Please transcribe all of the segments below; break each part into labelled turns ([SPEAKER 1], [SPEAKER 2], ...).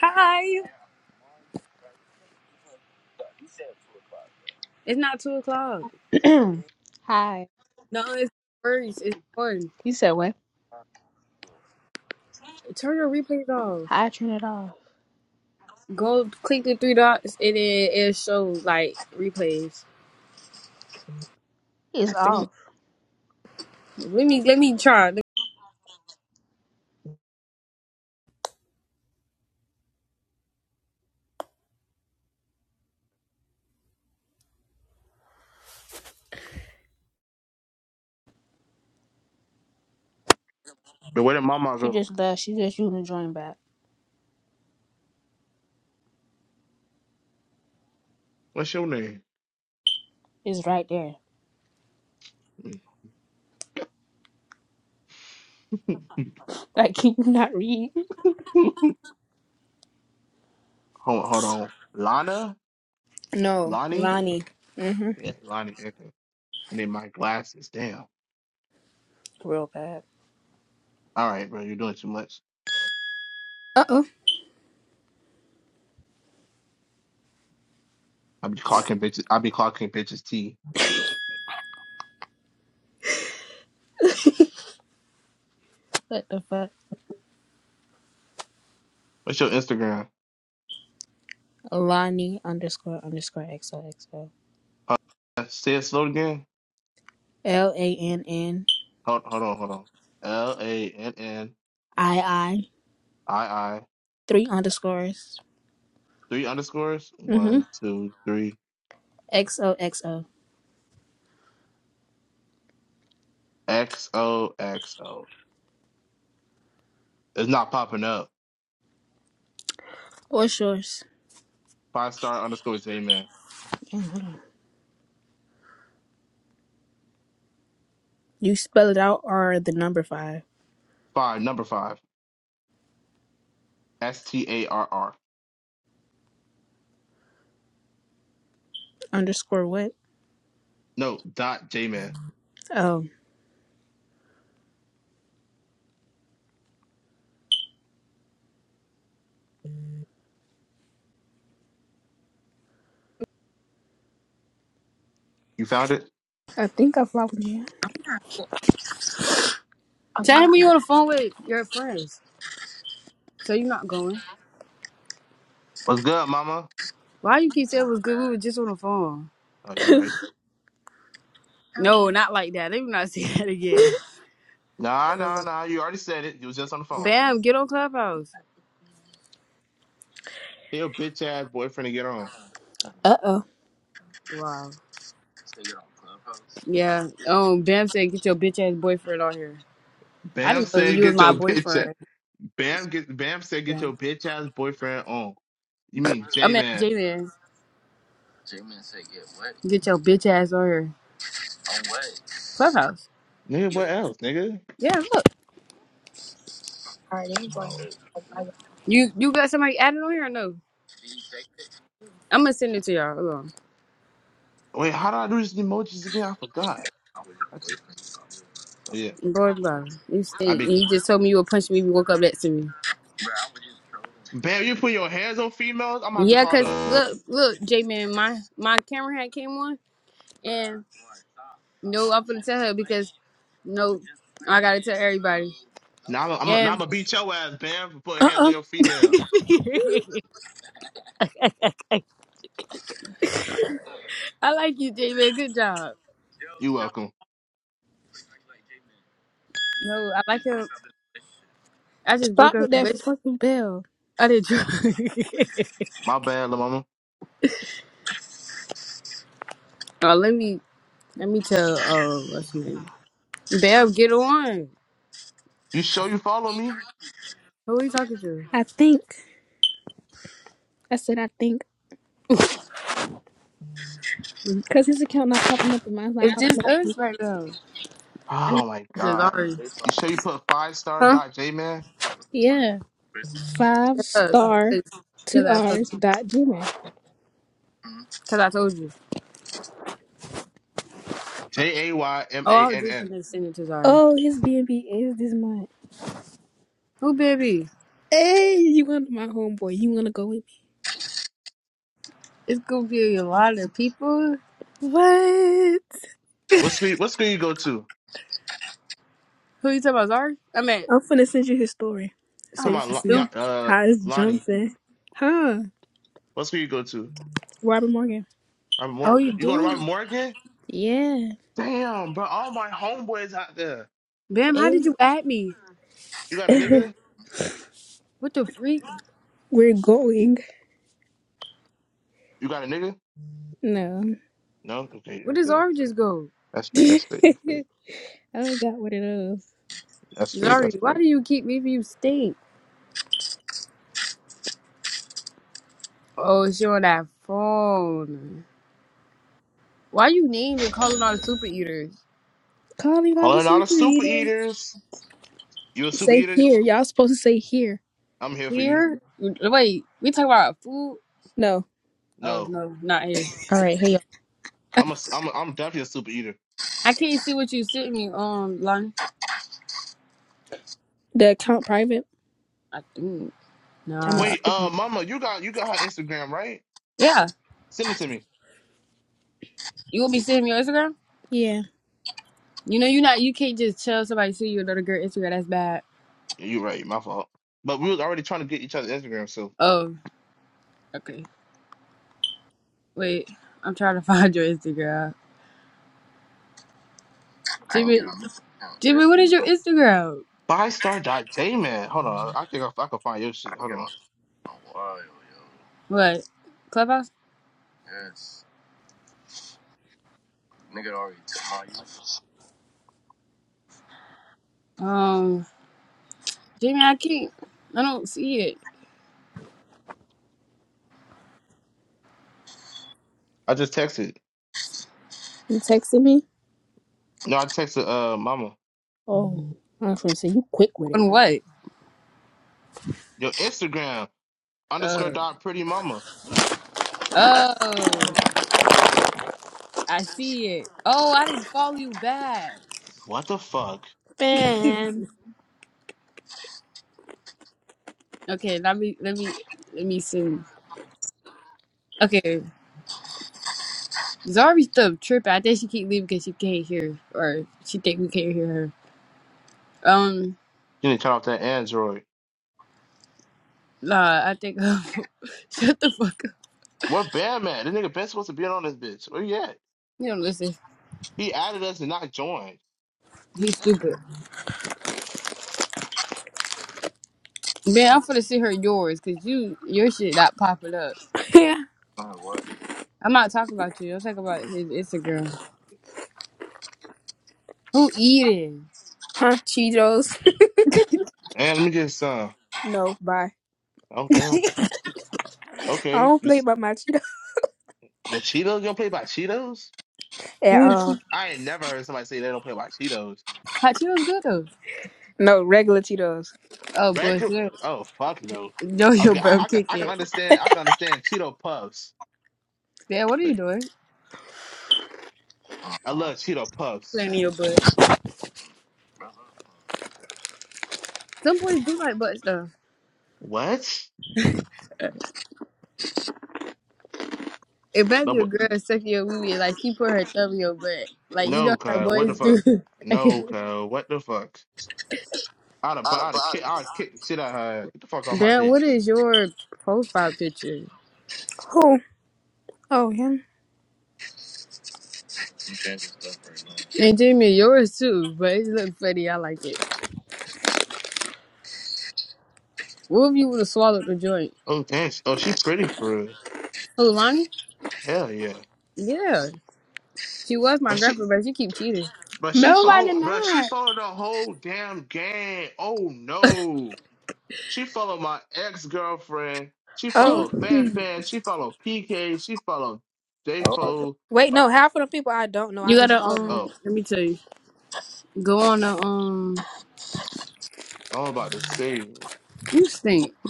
[SPEAKER 1] Hi. It's not two o'clock.
[SPEAKER 2] Hi.
[SPEAKER 1] No, it's first. It's one.
[SPEAKER 2] You said what?
[SPEAKER 1] Turn your replays off.
[SPEAKER 2] Hi, turn it off.
[SPEAKER 1] Go click the three dots and then it shows like replays.
[SPEAKER 2] It's
[SPEAKER 1] I think.
[SPEAKER 2] off.
[SPEAKER 1] Let me let me try. Let me-
[SPEAKER 3] But where did Mama
[SPEAKER 2] She
[SPEAKER 3] go?
[SPEAKER 2] just left. She just using the join back.
[SPEAKER 3] What's your name?
[SPEAKER 2] It's right there.
[SPEAKER 3] hold,
[SPEAKER 2] Like, can you not read?
[SPEAKER 3] hold on. Lana?
[SPEAKER 2] No,
[SPEAKER 3] Lonnie?
[SPEAKER 2] Lonnie. Mm-hmm.
[SPEAKER 3] Yeah, Lonnie. Okay. I need my glasses. Damn.
[SPEAKER 2] Real bad.
[SPEAKER 3] All right, bro. You're doing too much.
[SPEAKER 2] Uh oh.
[SPEAKER 3] I'll be clocking bitches. I'll be clocking bitches T.
[SPEAKER 2] What the fuck?
[SPEAKER 3] What's your Instagram?
[SPEAKER 2] Lonnie underscore underscore XOXO.
[SPEAKER 3] Uh, say it slow again.
[SPEAKER 2] L A N N
[SPEAKER 3] Hold, hold on. Hold on. L A N N
[SPEAKER 2] I I.
[SPEAKER 3] I I.
[SPEAKER 2] Three underscores.
[SPEAKER 3] Three underscores.
[SPEAKER 2] Mm-hmm.
[SPEAKER 3] One, two, three.
[SPEAKER 2] XOXO.
[SPEAKER 3] X O X O. It's not popping up.
[SPEAKER 2] What's yours?
[SPEAKER 3] Five star underscore J man.
[SPEAKER 2] You spell it out or the number five?
[SPEAKER 3] Five. Number five. S T A R R.
[SPEAKER 2] Underscore what?
[SPEAKER 3] No, dot J man.
[SPEAKER 2] Oh.
[SPEAKER 3] You found it?
[SPEAKER 2] I think I followed you.
[SPEAKER 1] Tell me you on the phone with your friends. So you're not going.
[SPEAKER 3] What's good, mama?
[SPEAKER 1] Why you keep saying it was good? We were just on the phone.
[SPEAKER 3] Oh, you right.
[SPEAKER 1] No, not like that. Let me not say that again.
[SPEAKER 3] Nah, nah,
[SPEAKER 1] Hello.
[SPEAKER 3] nah. You already said it. You was just on the phone.
[SPEAKER 1] Bam, get on Clubhouse.
[SPEAKER 3] Hey, your bitch ass boyfriend to get on.
[SPEAKER 2] Uh oh.
[SPEAKER 1] Wow. Yeah. Um. Bam said, "Get your bitch ass boyfriend on here." I
[SPEAKER 3] Bam
[SPEAKER 1] didn't know
[SPEAKER 3] said
[SPEAKER 1] you was
[SPEAKER 3] get
[SPEAKER 1] my
[SPEAKER 3] your bitch ass.
[SPEAKER 1] boyfriend.
[SPEAKER 3] Bam get Bam said get your bitch ass boyfriend on. You mean
[SPEAKER 1] I
[SPEAKER 3] J
[SPEAKER 1] mean,
[SPEAKER 3] man.
[SPEAKER 1] Jalen, get your bitch ass on here. Clubhouse.
[SPEAKER 3] Nigga, what else, nigga?
[SPEAKER 1] Yeah, look. You you got somebody added on here or no? I'm gonna send it to y'all. Hold on.
[SPEAKER 3] Wait, how do I do these emojis again? I forgot. I just, oh, yeah.
[SPEAKER 1] Boy, blah. You
[SPEAKER 3] I
[SPEAKER 1] stink. And
[SPEAKER 3] be
[SPEAKER 1] You just told me you would punch me if you woke up next to me.
[SPEAKER 3] Bam, you put your hands on females? I'm gonna have to
[SPEAKER 1] Yeah,
[SPEAKER 3] call
[SPEAKER 1] cause
[SPEAKER 3] the
[SPEAKER 1] look, look, J man, my my camera had came on, and no, I'm gonna tell her because no, I gotta tell everybody.
[SPEAKER 3] now I'm I'm, now I'm
[SPEAKER 1] And
[SPEAKER 3] gonna beat your ass, Bam, for putting
[SPEAKER 2] Uh
[SPEAKER 3] hands
[SPEAKER 2] oh.
[SPEAKER 3] on your female.
[SPEAKER 1] I like you, J man. Good job.
[SPEAKER 3] You welcome.
[SPEAKER 1] No, I like him. I just broke
[SPEAKER 2] Stop
[SPEAKER 1] up.
[SPEAKER 2] with
[SPEAKER 1] with-
[SPEAKER 2] that
[SPEAKER 1] relationship.
[SPEAKER 2] fucking bell.
[SPEAKER 1] I did.
[SPEAKER 3] My bad, La mama.
[SPEAKER 1] oh, let me let me tell. Oh, what's her name? Bev, get on.
[SPEAKER 3] You sure you follow me?
[SPEAKER 1] Who are you talking to?
[SPEAKER 2] I think. I said I think. Because his account not popping up and mine's not
[SPEAKER 1] It's
[SPEAKER 2] popping up.
[SPEAKER 1] just us right now.
[SPEAKER 3] Oh my
[SPEAKER 1] It's just
[SPEAKER 3] god.
[SPEAKER 1] Ari.
[SPEAKER 3] You sure you put five star
[SPEAKER 1] Huh?
[SPEAKER 3] dot J man?
[SPEAKER 2] Yeah. Five
[SPEAKER 1] Because
[SPEAKER 2] star two
[SPEAKER 1] I, told-
[SPEAKER 2] R's dot Gmail.
[SPEAKER 1] 'cause I told you.
[SPEAKER 3] J A Y M
[SPEAKER 1] Oh,
[SPEAKER 3] A
[SPEAKER 1] I was
[SPEAKER 3] N
[SPEAKER 1] just
[SPEAKER 3] N.
[SPEAKER 1] gonna send it to Zari.
[SPEAKER 2] Oh, his BNB is this month.
[SPEAKER 1] Who, baby?
[SPEAKER 2] Hey, you want my homeboy. You want to go with
[SPEAKER 1] It's gonna be a lot of people.
[SPEAKER 2] me? What?
[SPEAKER 3] What school what school you go to?
[SPEAKER 1] Who you talking about, Zari? I mean,
[SPEAKER 2] I'm finna send you his story
[SPEAKER 3] I'm
[SPEAKER 2] so
[SPEAKER 3] talking
[SPEAKER 1] I'm
[SPEAKER 2] you can
[SPEAKER 3] about Lo-
[SPEAKER 2] see
[SPEAKER 1] stupid.
[SPEAKER 3] Ya- uh
[SPEAKER 2] how it's
[SPEAKER 3] Lonnie.
[SPEAKER 2] jumping. Huh?
[SPEAKER 3] What school you go to?
[SPEAKER 2] Robert Morgan.
[SPEAKER 3] I'm more
[SPEAKER 1] Oh, you
[SPEAKER 3] you going to Robert
[SPEAKER 1] do?
[SPEAKER 3] Morgan?
[SPEAKER 2] Yeah.
[SPEAKER 3] Damn, bro, all my homeboys out there.
[SPEAKER 1] Bam,
[SPEAKER 2] Hey.
[SPEAKER 1] how did you add me?
[SPEAKER 3] You got a nigga?
[SPEAKER 1] What the freak?
[SPEAKER 2] We're going.
[SPEAKER 3] You got a nigga?
[SPEAKER 2] No.
[SPEAKER 3] No? Okay,
[SPEAKER 1] Where
[SPEAKER 3] that's
[SPEAKER 1] does
[SPEAKER 3] good.
[SPEAKER 1] Zari just go?
[SPEAKER 3] That's great. That's great. That's
[SPEAKER 2] I
[SPEAKER 3] great.
[SPEAKER 2] forgot what it is.
[SPEAKER 3] That's great.
[SPEAKER 1] Zari,
[SPEAKER 3] That's
[SPEAKER 1] why
[SPEAKER 3] great.
[SPEAKER 1] do you keep leaving you stink? Oh, she on that phone. Why you named and calling all the super eaters?
[SPEAKER 2] Calling all the
[SPEAKER 3] Calling all the
[SPEAKER 2] super
[SPEAKER 3] super
[SPEAKER 2] eaters.
[SPEAKER 3] eaters. You a super
[SPEAKER 2] Say
[SPEAKER 3] eater?
[SPEAKER 2] here. Y'all supposed to say here.
[SPEAKER 3] I'm here for you.
[SPEAKER 1] Here? Wait, we talk about food?
[SPEAKER 2] No,
[SPEAKER 1] Oh
[SPEAKER 3] No.
[SPEAKER 1] no, not here.
[SPEAKER 4] All right. Hey,
[SPEAKER 3] I'm a, s- I'm a, I'm definitely a super eater.
[SPEAKER 1] I can't see what you sent me on line.
[SPEAKER 2] the account private.
[SPEAKER 1] I do
[SPEAKER 2] I'm a
[SPEAKER 1] nah.
[SPEAKER 3] Wait, uh,
[SPEAKER 2] scream.
[SPEAKER 3] mama, you got you got her Instagram, right?
[SPEAKER 1] Yeah.
[SPEAKER 3] Send it to me.
[SPEAKER 1] You will be sending me your Instagram?
[SPEAKER 2] Yeah.
[SPEAKER 1] You know you not you can't just tell somebody to see you another girl Instagram, that's bad.
[SPEAKER 3] Yeah, you're right. My fault. But we was already trying to get each other's Instagram. So
[SPEAKER 1] Oh, okay. Wait, I'm trying to find your Instagram. Jimmy Jimmy, what is your Instagram?
[SPEAKER 3] Bystar.jman. Hold on. I think I, I can find your shit. Hold on.
[SPEAKER 1] What? Clubhouse? Um Jimmy, I can't I don't see it.
[SPEAKER 3] I just texted.
[SPEAKER 2] You texting me?
[SPEAKER 3] No, I texted uh mama.
[SPEAKER 2] Oh, I was gonna say you quick with it.
[SPEAKER 1] On what?
[SPEAKER 3] Your Instagram underscore
[SPEAKER 1] Uh
[SPEAKER 3] dot pretty mama.
[SPEAKER 1] oh. I see it. Oh, I didn't follow you back.
[SPEAKER 3] What the fuck?
[SPEAKER 2] Bam.
[SPEAKER 1] Okay, let me let me let me see. Okay, Zari's still tripping. I think she keep leaving because she can't hear, or she think we can't hear her. Um,
[SPEAKER 3] You need to turn off that Android.
[SPEAKER 1] nah, I think shut the fuck up.
[SPEAKER 3] Where Bam at? This nigga been supposed to be on this bitch. Where you at?
[SPEAKER 1] You don't listen.
[SPEAKER 3] He added us and not joined.
[SPEAKER 1] He's stupid. Man, I'm finna see her yours because you your shit not popping up.
[SPEAKER 2] Yeah.
[SPEAKER 1] I'm not talking about you. I'm talking about his Instagram. Who eating?
[SPEAKER 2] Huh? Cheetos.
[SPEAKER 3] Man, let me just uh
[SPEAKER 2] No, bye.
[SPEAKER 3] oh damn.
[SPEAKER 2] I
[SPEAKER 3] Okay.
[SPEAKER 2] don't
[SPEAKER 3] You
[SPEAKER 2] play
[SPEAKER 3] s-
[SPEAKER 2] by my Cheetos
[SPEAKER 3] your Cheetos? You don't play by Cheetos?
[SPEAKER 2] at all.
[SPEAKER 1] Hot
[SPEAKER 3] I ain't never heard somebody say they don't play by Cheetos.
[SPEAKER 1] Cheetos good though.
[SPEAKER 2] No, regular Cheetos.
[SPEAKER 1] Oh
[SPEAKER 3] Regular?
[SPEAKER 1] bullshit.
[SPEAKER 3] Oh fuck no.
[SPEAKER 1] No, your
[SPEAKER 3] Okay,
[SPEAKER 1] bro,
[SPEAKER 3] I, I can
[SPEAKER 1] kick
[SPEAKER 3] I can
[SPEAKER 1] it.
[SPEAKER 3] understand I can understand Cheeto Puffs,
[SPEAKER 1] Man, what are
[SPEAKER 3] but
[SPEAKER 1] you doing?
[SPEAKER 3] I love Cheeto Puffs.
[SPEAKER 1] in your butt. Some boys do like butt stuff.
[SPEAKER 3] What? No,
[SPEAKER 1] Imagine a
[SPEAKER 3] but-
[SPEAKER 1] girl sucking your wee wee, like she put her thumb in your butt. Like, you know
[SPEAKER 3] no,
[SPEAKER 1] how
[SPEAKER 3] cuz what the
[SPEAKER 1] boys do.
[SPEAKER 3] fuck? No, cuz what the fuck? I'd have, I'd have kick, I'd kick the shit out of her. Get the fuck off my
[SPEAKER 1] Damn,
[SPEAKER 3] dick.
[SPEAKER 1] what is your profile picture?
[SPEAKER 2] Who? Oh, him.
[SPEAKER 1] And Jamie, yours too, but it look funny. I like it. What if you would have swallowed the joint?
[SPEAKER 3] Oh damn. she- Oh, she pretty for real.
[SPEAKER 1] Oh, Lonnie?
[SPEAKER 3] Hell yeah.
[SPEAKER 1] Yeah. She was
[SPEAKER 3] But
[SPEAKER 1] my
[SPEAKER 3] she,
[SPEAKER 1] girlfriend, but she keep cheating.
[SPEAKER 3] but she
[SPEAKER 2] No, I did
[SPEAKER 3] followed, but she
[SPEAKER 2] not.
[SPEAKER 3] followed the whole damn game. Oh no. She followed my ex girlfriend. She
[SPEAKER 2] Oh.
[SPEAKER 3] followed Fanfan.
[SPEAKER 1] Jamie,
[SPEAKER 3] She followed PK. She followed J Fo.
[SPEAKER 2] Wait, no, half of the people I don't know. I
[SPEAKER 1] You
[SPEAKER 2] just
[SPEAKER 1] gotta, um,
[SPEAKER 3] Oh,
[SPEAKER 1] let me tell you, go on the, um,
[SPEAKER 3] I'm about to say
[SPEAKER 1] you stink. I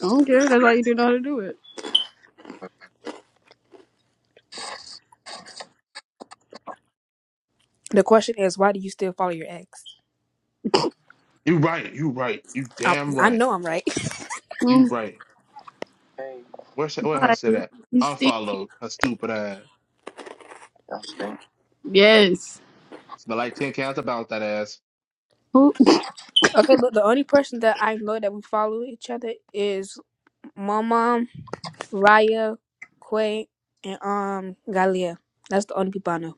[SPEAKER 1] don't care. That's why you didn't know how to do it.
[SPEAKER 2] the question is why do you still follow your ex?
[SPEAKER 3] you right. You right. You
[SPEAKER 2] I,
[SPEAKER 3] damn
[SPEAKER 2] I
[SPEAKER 3] right.
[SPEAKER 2] know I'm right.
[SPEAKER 3] You
[SPEAKER 1] Mm,
[SPEAKER 3] right. Where she, where her
[SPEAKER 1] bye.
[SPEAKER 3] shit at?
[SPEAKER 1] You stink.
[SPEAKER 3] Unfollowed her stupid ass.
[SPEAKER 1] Yes.
[SPEAKER 3] Smell like ten cans about that ass.
[SPEAKER 1] Who
[SPEAKER 2] Okay, look, the only person that I know that we follow each other is my mom, Raya, Quay, and um Galia. That's the only people I know.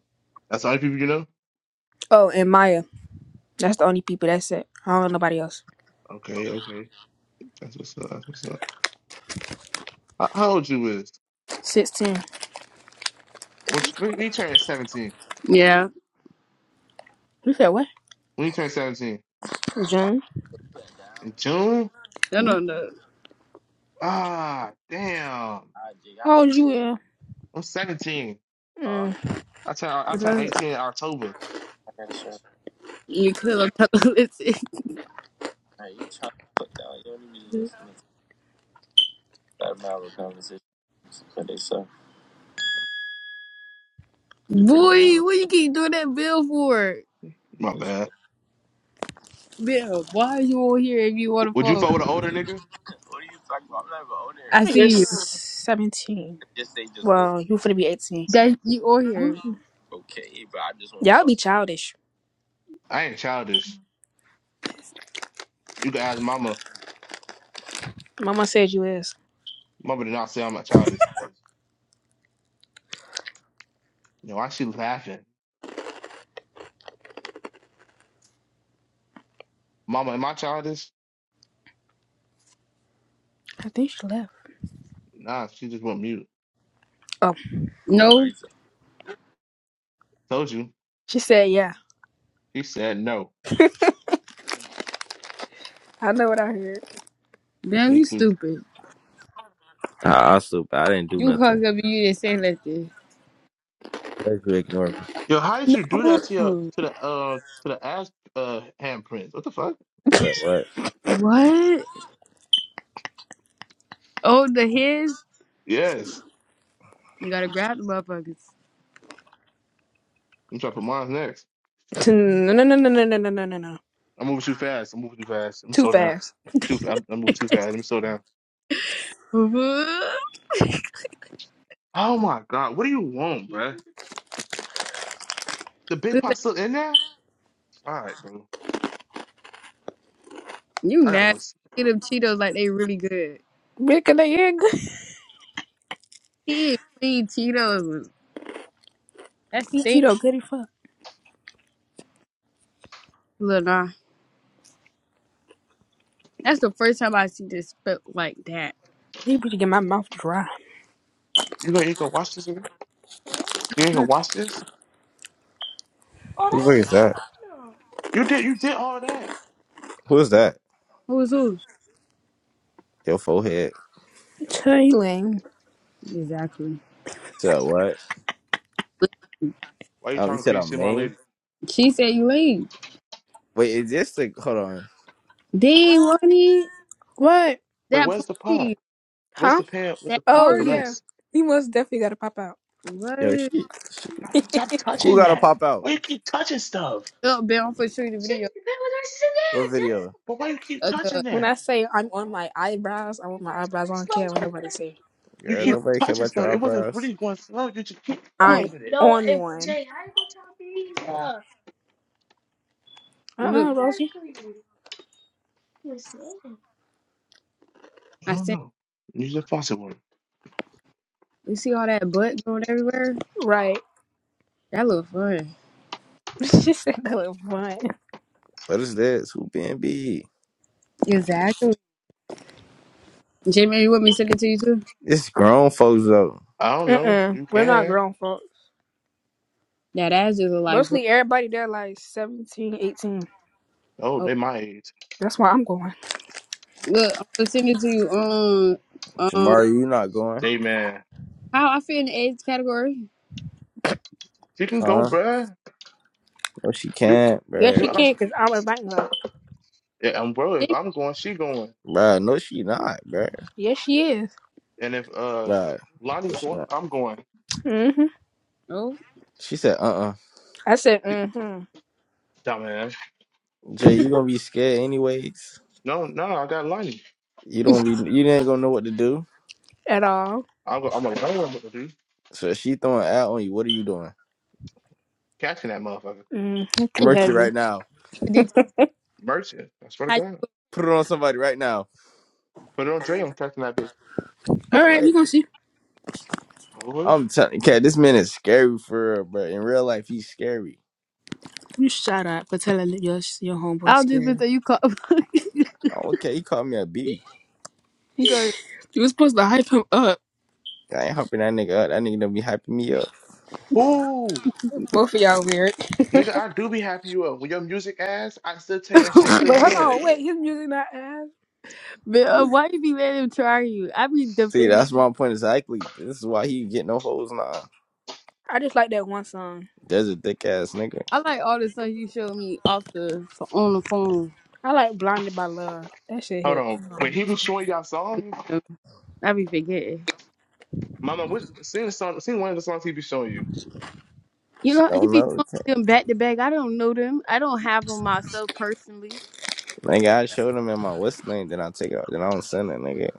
[SPEAKER 3] That's all the people you know.
[SPEAKER 2] Oh, and Maya. That's the only people. That's it. I don't know nobody else.
[SPEAKER 3] Okay, okay. That's what's up. That's what's up. How, how old you is?
[SPEAKER 2] Sixteen.
[SPEAKER 3] What you, when you turn seventeen?
[SPEAKER 1] Yeah,
[SPEAKER 2] You said what?
[SPEAKER 3] When you turn seventeen
[SPEAKER 2] June.
[SPEAKER 3] in June?
[SPEAKER 1] I
[SPEAKER 2] Hmm.
[SPEAKER 1] don't know.
[SPEAKER 3] Ah, damn.
[SPEAKER 2] How old you are?
[SPEAKER 3] I'm 17.
[SPEAKER 2] Mm.
[SPEAKER 3] I turn I turn 18 in October.
[SPEAKER 1] You could have told listen. Boy, what you keep doing that bill for?
[SPEAKER 3] My bad.
[SPEAKER 1] Bill, why are you on here if you on
[SPEAKER 3] W-
[SPEAKER 1] the
[SPEAKER 3] Would you
[SPEAKER 1] phone?
[SPEAKER 3] fuck with an older nigga?
[SPEAKER 1] I
[SPEAKER 2] You're
[SPEAKER 1] see you.
[SPEAKER 2] seventeen. Well, you finna be eighteen.
[SPEAKER 1] That you on
[SPEAKER 2] Hmm.
[SPEAKER 1] here.
[SPEAKER 2] Y'all be childish.
[SPEAKER 3] I ain't childish. You can ask mama.
[SPEAKER 2] Mama said you is.
[SPEAKER 3] Mama did not say I'm not childish. You know, why she laughing? Mama, am I childish?
[SPEAKER 2] I think she left.
[SPEAKER 3] Nah, she just went mute.
[SPEAKER 2] Oh,
[SPEAKER 1] No.
[SPEAKER 3] Told you.
[SPEAKER 2] she said yeah.
[SPEAKER 3] She said no.
[SPEAKER 2] I know what I heard.
[SPEAKER 1] Damn,
[SPEAKER 3] Me
[SPEAKER 1] you
[SPEAKER 3] too.
[SPEAKER 1] stupid.
[SPEAKER 5] I, I super. I didn't do
[SPEAKER 1] You hung
[SPEAKER 5] nothing.
[SPEAKER 1] up and you didn't say nothing.
[SPEAKER 5] That's you ignore me.
[SPEAKER 3] Yo, how did you do that to your
[SPEAKER 1] No.
[SPEAKER 3] to the uh to the ass uh handprints? What the fuck?
[SPEAKER 5] Said what?
[SPEAKER 1] What? Oh, the his?
[SPEAKER 3] Yes.
[SPEAKER 1] You gotta grab the motherfuckers.
[SPEAKER 3] I'm trying to put mine next.
[SPEAKER 2] No, no, no, no, no, no, no, no, no.
[SPEAKER 3] I'm moving too fast. I'm moving too fast. Let me
[SPEAKER 2] Too
[SPEAKER 3] slow down.
[SPEAKER 2] fast.
[SPEAKER 3] Too fa- I'm, I'm moving too fast. Let me slow down. Oh my god, what do you want, bruh? The big pot still in there? All right, bro.
[SPEAKER 1] you
[SPEAKER 3] I gotta go.
[SPEAKER 1] mad.
[SPEAKER 3] s-
[SPEAKER 1] Eat them Cheetos like they really good.
[SPEAKER 2] Rick and they egg.
[SPEAKER 1] He is clean Cheetos. That's
[SPEAKER 2] He's
[SPEAKER 1] thing,
[SPEAKER 2] Cheeto good as fuck.
[SPEAKER 1] Lil Nah. That's the first time I see this spelt like that.
[SPEAKER 2] He better get my mouth dry.
[SPEAKER 3] You gonna you gonna watch this? Again? You ain't gonna watch this?
[SPEAKER 5] Who the fuck is that?
[SPEAKER 3] You did you did all that?
[SPEAKER 5] Who is that?
[SPEAKER 1] Who's who?
[SPEAKER 5] Your forehead.
[SPEAKER 2] Tailing.
[SPEAKER 1] Exactly.
[SPEAKER 5] Said what?
[SPEAKER 3] Why you
[SPEAKER 5] Um, you
[SPEAKER 3] talking
[SPEAKER 5] said
[SPEAKER 3] crazy
[SPEAKER 5] I'm
[SPEAKER 3] to my
[SPEAKER 5] lame.
[SPEAKER 3] lady?
[SPEAKER 1] She said you leave.
[SPEAKER 5] Wait, is this the? Hold on.
[SPEAKER 1] Dang, Ronnie,
[SPEAKER 2] What?
[SPEAKER 3] Wait,
[SPEAKER 1] that
[SPEAKER 3] where's the pot?
[SPEAKER 1] party,
[SPEAKER 3] What's
[SPEAKER 2] Huh?
[SPEAKER 3] the pan with the
[SPEAKER 1] that
[SPEAKER 3] pot
[SPEAKER 2] Oh
[SPEAKER 3] with the
[SPEAKER 1] party.
[SPEAKER 2] yeah.
[SPEAKER 3] rice?
[SPEAKER 2] He most definitely gotta pop out.
[SPEAKER 1] What?
[SPEAKER 5] Yo, she, she.
[SPEAKER 3] Stop, stop
[SPEAKER 5] Who
[SPEAKER 3] touching
[SPEAKER 5] gotta
[SPEAKER 3] that.
[SPEAKER 5] pop out?
[SPEAKER 3] Why you keep touching stuff?
[SPEAKER 1] Look, Ben, I'm for show you the video
[SPEAKER 5] What video?
[SPEAKER 3] But why you keep
[SPEAKER 1] of the
[SPEAKER 3] touching
[SPEAKER 2] When I
[SPEAKER 3] that?
[SPEAKER 2] say I'm on my eyebrows, I want my eyebrows on care what nobody say.
[SPEAKER 3] You
[SPEAKER 5] Girl,
[SPEAKER 1] what
[SPEAKER 3] keep
[SPEAKER 5] nobody care
[SPEAKER 3] touching
[SPEAKER 5] about
[SPEAKER 3] stuff.
[SPEAKER 5] your
[SPEAKER 3] It wasn't
[SPEAKER 5] eyebrows.
[SPEAKER 3] really going slow. You just keep
[SPEAKER 1] you
[SPEAKER 2] I'm
[SPEAKER 3] fucking
[SPEAKER 1] want.
[SPEAKER 3] with it.
[SPEAKER 2] on one. Uh
[SPEAKER 1] Look,
[SPEAKER 2] uh Rosie.
[SPEAKER 1] I
[SPEAKER 3] I don't
[SPEAKER 1] said,
[SPEAKER 3] know. Use the faucet one.
[SPEAKER 1] you see all that butt going everywhere?
[SPEAKER 2] Right.
[SPEAKER 1] That look fun.
[SPEAKER 2] she said that was fun.
[SPEAKER 5] What is this? Who being be?
[SPEAKER 1] Exactly. Jamie, you want me to send it to you too?
[SPEAKER 5] It's grown folks though.
[SPEAKER 3] I
[SPEAKER 2] Uh
[SPEAKER 3] don't know.
[SPEAKER 2] uh.
[SPEAKER 3] You
[SPEAKER 2] We're not
[SPEAKER 3] can.
[SPEAKER 2] grown folks.
[SPEAKER 1] That ass just look like gross.
[SPEAKER 2] Mostly everybody there like 17, 18.
[SPEAKER 3] Oh,
[SPEAKER 1] Oh,
[SPEAKER 3] they my age.
[SPEAKER 2] That's why I'm going.
[SPEAKER 1] look, I'm gonna send it to you. Um. Um,
[SPEAKER 5] Jamari, you not going?
[SPEAKER 3] Hey man,
[SPEAKER 1] How I fit in the age category?
[SPEAKER 3] she can go,
[SPEAKER 5] Huh?
[SPEAKER 3] bruh.
[SPEAKER 5] No, she
[SPEAKER 3] You
[SPEAKER 5] can't,
[SPEAKER 2] Yes,
[SPEAKER 3] you
[SPEAKER 2] she
[SPEAKER 5] bruh.
[SPEAKER 3] act like
[SPEAKER 2] can, cause
[SPEAKER 3] she,
[SPEAKER 2] I'm inviting her.
[SPEAKER 3] Yeah, and bro, if
[SPEAKER 1] Gee,
[SPEAKER 3] I'm going, she going.
[SPEAKER 5] Bruh, no, she not, bruh.
[SPEAKER 2] Yes, she is.
[SPEAKER 3] And if uh
[SPEAKER 5] Bruh, no,
[SPEAKER 3] Lonnie's
[SPEAKER 5] she
[SPEAKER 3] going,
[SPEAKER 5] not.
[SPEAKER 3] I'm going.
[SPEAKER 2] hmm
[SPEAKER 1] Oh,
[SPEAKER 5] She said, uh uh
[SPEAKER 2] I said, mm-hmm.
[SPEAKER 3] Dumbass.
[SPEAKER 5] Jay, you gonna be scared anyways?
[SPEAKER 3] No, no, I got Lonnie.
[SPEAKER 5] You don't be you ain't gonna know what to do.
[SPEAKER 2] at all.
[SPEAKER 3] I'm go, I'm alone with the dude.
[SPEAKER 5] So if she throwing out on you. What are you doing?
[SPEAKER 3] Catching that motherfucker.
[SPEAKER 2] Mm, I'm
[SPEAKER 1] how you
[SPEAKER 2] too
[SPEAKER 1] fit
[SPEAKER 5] Merch it
[SPEAKER 2] heavy.
[SPEAKER 5] right now.
[SPEAKER 1] the detail?
[SPEAKER 3] Merchant. I swear
[SPEAKER 1] How
[SPEAKER 3] to
[SPEAKER 1] you?
[SPEAKER 3] God.
[SPEAKER 5] Put it on somebody right now.
[SPEAKER 3] But on Dre, I'm catching that bitch.
[SPEAKER 2] All
[SPEAKER 5] All
[SPEAKER 2] right, we
[SPEAKER 5] right.
[SPEAKER 2] gonna see.
[SPEAKER 3] Who?
[SPEAKER 5] I'm telling you, cat, this man is scary for real, bro. In real life, he's scary.
[SPEAKER 2] You shut up for telling your your
[SPEAKER 1] I
[SPEAKER 2] homeboy.
[SPEAKER 1] don't
[SPEAKER 2] skip.
[SPEAKER 1] just think that you call.
[SPEAKER 5] Oh, okay, he called me a B.
[SPEAKER 1] Good.
[SPEAKER 2] You was supposed to hype him up.
[SPEAKER 5] I ain't hyping that nigga up. That nigga don't be hyping me up.
[SPEAKER 3] Who?
[SPEAKER 2] Both of y'all weird.
[SPEAKER 3] Nigga,
[SPEAKER 2] Wait,
[SPEAKER 3] I do be happy you up. When your music ass, I still tell you that shit's still
[SPEAKER 2] hold
[SPEAKER 3] good.
[SPEAKER 2] on. Wait, his music not ass.
[SPEAKER 1] but uh, why you be letting him try you? I be
[SPEAKER 5] See,
[SPEAKER 1] defending.
[SPEAKER 5] that's my point exactly. This is why he get no hoes now.
[SPEAKER 2] I just like that one song.
[SPEAKER 5] There's a dick ass nigga.
[SPEAKER 1] I like all the stuff you showed me off the on the phone.
[SPEAKER 2] I like Blinded by Love. That shit
[SPEAKER 3] Hold
[SPEAKER 2] hit.
[SPEAKER 3] on. wait. he was showing y'all songs,
[SPEAKER 1] So, I be forgetting.
[SPEAKER 3] Mama, which, sing the song, sing one of the songs he be showing you.
[SPEAKER 1] You
[SPEAKER 5] She
[SPEAKER 1] know, he
[SPEAKER 5] don't
[SPEAKER 1] be
[SPEAKER 5] know.
[SPEAKER 1] showing me them back to back. I don't know them. I don't have them myself personally.
[SPEAKER 5] Nigga, I showed him in my what's name, then I take out then I don't send it, nigga.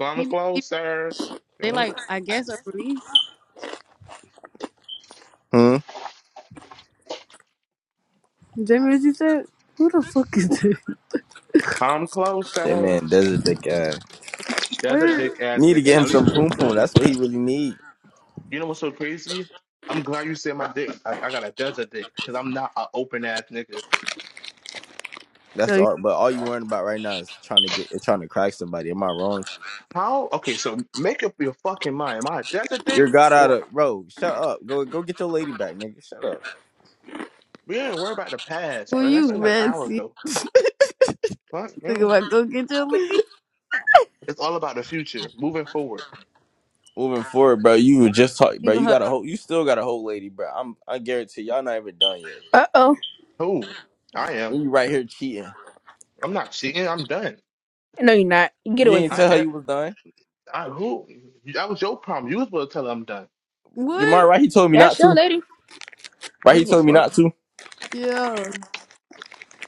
[SPEAKER 3] Come
[SPEAKER 1] He be he-
[SPEAKER 3] closer.
[SPEAKER 1] they like I guess a release.
[SPEAKER 5] Hmm?
[SPEAKER 1] Jamie, what you said? Who the fuck is this?
[SPEAKER 3] Come
[SPEAKER 5] That
[SPEAKER 3] closer.
[SPEAKER 5] man, there's a dick ass.
[SPEAKER 3] That's a dick ass
[SPEAKER 5] Need to
[SPEAKER 3] nigga.
[SPEAKER 5] get him
[SPEAKER 3] At least
[SPEAKER 5] some poom poom. That's what he really need.
[SPEAKER 3] You know what's so crazy? I'm glad you said my dick. I, I got a desert dick because I'm not an open ass nigga.
[SPEAKER 5] That's
[SPEAKER 1] so
[SPEAKER 5] all. But all you worrying about right now is trying to get trying to crack somebody. Am I wrong?
[SPEAKER 3] How? Okay, so make up your fucking mind. Am I a desert dick
[SPEAKER 5] You're got out
[SPEAKER 3] or
[SPEAKER 5] of bro. Shut up. Go go get your lady back, nigga. Shut up.
[SPEAKER 3] we didn't worry about the past,
[SPEAKER 1] who
[SPEAKER 3] bro? That
[SPEAKER 1] you,
[SPEAKER 3] shit like an
[SPEAKER 1] man?
[SPEAKER 3] hour
[SPEAKER 1] See,
[SPEAKER 3] ago. Fuck,
[SPEAKER 1] think
[SPEAKER 3] bro.
[SPEAKER 1] about go get your lead.
[SPEAKER 3] It's all about the future, moving forward.
[SPEAKER 5] Moving forward, bro. You were just talking, bro.
[SPEAKER 1] Leave
[SPEAKER 5] You
[SPEAKER 1] her
[SPEAKER 5] got a whole. You still got a whole lady, bro. I'm. I guarantee y'all not even done yet.
[SPEAKER 2] Uh oh.
[SPEAKER 3] Who? I am.
[SPEAKER 5] And you right here cheating.
[SPEAKER 3] I'm not cheating. I'm done.
[SPEAKER 2] No, you're not. Get
[SPEAKER 5] You
[SPEAKER 2] away
[SPEAKER 5] ain't
[SPEAKER 2] from
[SPEAKER 3] I
[SPEAKER 5] tell
[SPEAKER 2] me.
[SPEAKER 5] her
[SPEAKER 3] am.
[SPEAKER 5] you was done.
[SPEAKER 3] I who? That was your problem. You was supposed to tell her I'm done.
[SPEAKER 5] Jamar,
[SPEAKER 1] What?
[SPEAKER 5] right? He told me
[SPEAKER 2] That's
[SPEAKER 5] not
[SPEAKER 2] your
[SPEAKER 5] to.
[SPEAKER 2] lady.
[SPEAKER 3] I
[SPEAKER 5] Right?
[SPEAKER 3] don't
[SPEAKER 5] He
[SPEAKER 3] give a
[SPEAKER 5] told me
[SPEAKER 3] fuck.
[SPEAKER 5] not to.
[SPEAKER 1] Yeah.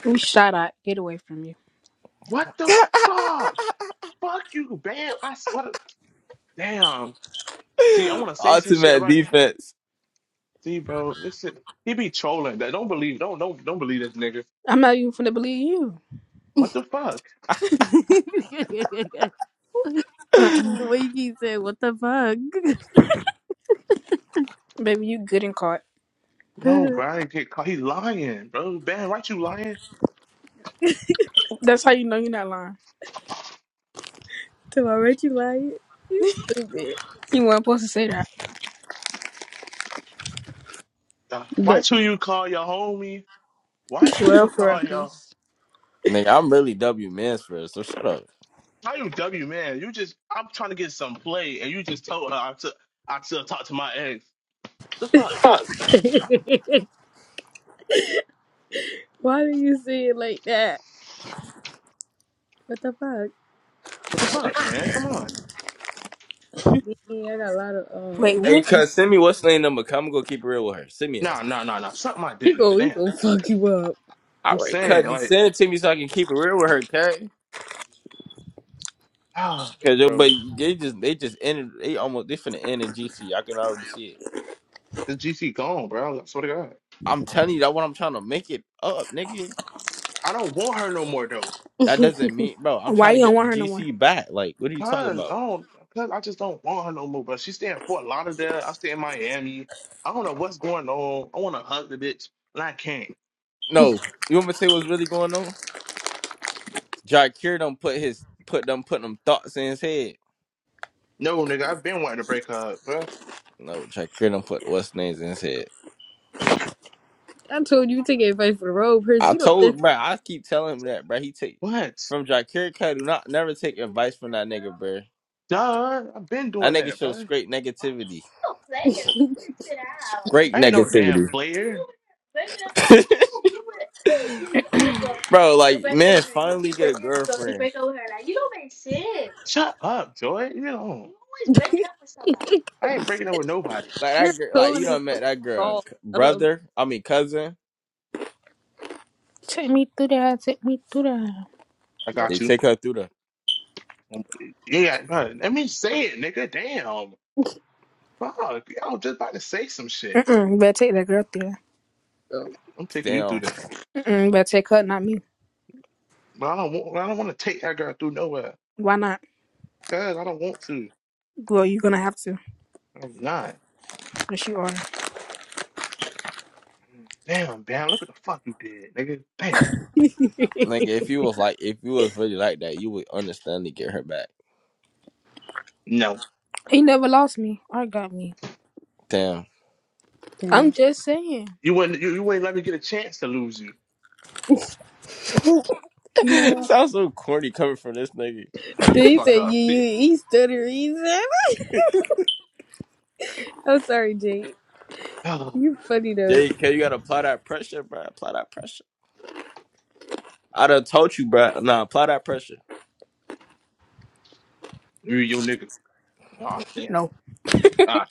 [SPEAKER 2] We shot out. Get away from you.
[SPEAKER 3] What the fuck? Fuck you, bam. I swear. To, damn. See, I want to say some shit
[SPEAKER 5] Ultimate
[SPEAKER 3] right
[SPEAKER 5] defense.
[SPEAKER 3] See, bro, this shit, he be trolling. That don't believe, don't don't don't believe this nigga.
[SPEAKER 2] I'm not even finna believe you.
[SPEAKER 3] What the fuck?
[SPEAKER 1] it's
[SPEAKER 2] Uh,
[SPEAKER 1] the
[SPEAKER 5] Nigga,
[SPEAKER 1] way you keep saying, what the fuck?
[SPEAKER 2] baby, you good and caught.
[SPEAKER 3] No, bro,
[SPEAKER 1] to
[SPEAKER 3] I didn't get caught. He lying, bro. Ben, why you lying?
[SPEAKER 2] That's how you know you're not lying.
[SPEAKER 1] my right, you lying? You stupid.
[SPEAKER 2] You weren't supposed to say that.
[SPEAKER 3] Uh,
[SPEAKER 1] But
[SPEAKER 3] Watch who you call your homie. Watch who you
[SPEAKER 2] Quirrell for real,
[SPEAKER 3] call your.
[SPEAKER 2] 'cause-
[SPEAKER 5] I'm really W Mansfield, so shut up.
[SPEAKER 3] How you W man? You just I'm trying to get some play, and you just told her I still I still talk to my ex. The fuck?
[SPEAKER 1] fuck. why do you say it like that? What the fuck?
[SPEAKER 3] What the fuck, man? Come on.
[SPEAKER 1] Yeah, I got a lot of,
[SPEAKER 2] Wait,
[SPEAKER 1] uh,
[SPEAKER 5] Hey,
[SPEAKER 2] when is
[SPEAKER 5] cuz, send me what's the name number. i I'm gonna keep it real with her. Send me it.
[SPEAKER 3] Nah, nah, nah, nah. Suck my
[SPEAKER 1] he
[SPEAKER 3] dick, nigga.
[SPEAKER 1] go, he
[SPEAKER 3] Damn.
[SPEAKER 1] go fuck you up.
[SPEAKER 5] All
[SPEAKER 3] I'm
[SPEAKER 5] right,
[SPEAKER 3] saying
[SPEAKER 5] cuz, just
[SPEAKER 3] like,
[SPEAKER 5] send it to me so I can keep it real with her, cuz.
[SPEAKER 3] ah,
[SPEAKER 5] Cause yo, but
[SPEAKER 3] bro,
[SPEAKER 5] they just they just ended. They almost they finna end in GC. I can already see it.
[SPEAKER 3] this GC gone, bro. I swear to God,
[SPEAKER 5] I'm telling you that what I'm trying to make it up, nigga.
[SPEAKER 3] I don't want her no more though.
[SPEAKER 5] That doesn't mean, bro. I'm
[SPEAKER 2] why
[SPEAKER 5] trying to
[SPEAKER 2] you don't
[SPEAKER 5] get the
[SPEAKER 2] want her no more?
[SPEAKER 5] GC back. Like, what are you talking
[SPEAKER 3] Cause I
[SPEAKER 5] about?
[SPEAKER 3] don't, cause I just don't want her no more. But she stay in Fort Lauderdale. I stay in Miami. I don't know what's going on. I want to hug the bitch, and I can't.
[SPEAKER 5] No, you want me to tell you what's really going on? Jakir don't put his put them put them thoughts in his head.
[SPEAKER 3] No, nigga, I've been wanting to break her up, bro.
[SPEAKER 5] No, Jakir don't put what's names in his head.
[SPEAKER 1] I told you, take advice for the road, Prince.
[SPEAKER 5] I
[SPEAKER 1] You don't
[SPEAKER 5] told
[SPEAKER 1] listen.
[SPEAKER 5] bro, I keep telling him that, bro. He take
[SPEAKER 3] What?
[SPEAKER 5] from Jakir Kai, do not never take advice from that nigga, bro.
[SPEAKER 3] Duh, I've been
[SPEAKER 5] That
[SPEAKER 3] doing
[SPEAKER 5] nigga
[SPEAKER 3] that,
[SPEAKER 5] shows
[SPEAKER 3] bro.
[SPEAKER 5] great negativity. Great
[SPEAKER 3] I ain't no damn
[SPEAKER 5] negativity.
[SPEAKER 3] player.
[SPEAKER 5] bro, like man, finally get a girlfriend.
[SPEAKER 3] Shut up, Joy. You know. I ain't breaking up with nobody.
[SPEAKER 5] Like
[SPEAKER 1] Your
[SPEAKER 5] that girl like you
[SPEAKER 1] code is
[SPEAKER 5] done
[SPEAKER 1] so
[SPEAKER 5] met that girl.
[SPEAKER 1] soft.
[SPEAKER 5] c-
[SPEAKER 1] I don't
[SPEAKER 5] Brother, I mean cousin.
[SPEAKER 2] Take me through that. Take me through that.
[SPEAKER 3] I got
[SPEAKER 5] They
[SPEAKER 3] you.
[SPEAKER 5] take her through the
[SPEAKER 3] Um, Yeah, bro. Let me say it, nigga. Damn. Fuck. I was just about to say some shit.
[SPEAKER 2] Mm-mm, you better take that girl through that.
[SPEAKER 1] know.
[SPEAKER 3] I'm taking you through
[SPEAKER 5] damn.
[SPEAKER 3] that.
[SPEAKER 2] Mm-mm, you better take her, not me.
[SPEAKER 3] But I don't want. I don't want to take that girl through nowhere.
[SPEAKER 2] Why not?
[SPEAKER 3] Cause I don't want to.
[SPEAKER 2] Well, you're gonna have to.
[SPEAKER 3] I'm not.
[SPEAKER 2] Yes, you are.
[SPEAKER 3] Damn, Bam. Look what the fuck you did, nigga. Damn.
[SPEAKER 5] Nigga, if you was like if you was really like that, you would understand to get her back.
[SPEAKER 3] No,
[SPEAKER 2] He never lost me. I got me.
[SPEAKER 5] Damn.
[SPEAKER 2] I'm
[SPEAKER 1] Damn.
[SPEAKER 2] just saying.
[SPEAKER 3] you wouldn't. You, you wouldn't let me get a chance to lose you.
[SPEAKER 2] Who? You know what?
[SPEAKER 5] Sounds so corny coming from this nigga.
[SPEAKER 3] Shut
[SPEAKER 1] Then
[SPEAKER 3] the
[SPEAKER 1] he
[SPEAKER 3] fuck
[SPEAKER 1] said, "You,
[SPEAKER 3] up. Yeah.
[SPEAKER 1] you, he stutter." He said, "I'm sorry, Jay.
[SPEAKER 3] Oh,
[SPEAKER 1] You funny though,
[SPEAKER 5] JK, you gotta apply that pressure, bro. Apply that I done told you, bro. Nah, apply that pressure.
[SPEAKER 3] you, you nigga. Ah, damn.
[SPEAKER 2] No.
[SPEAKER 3] Ah,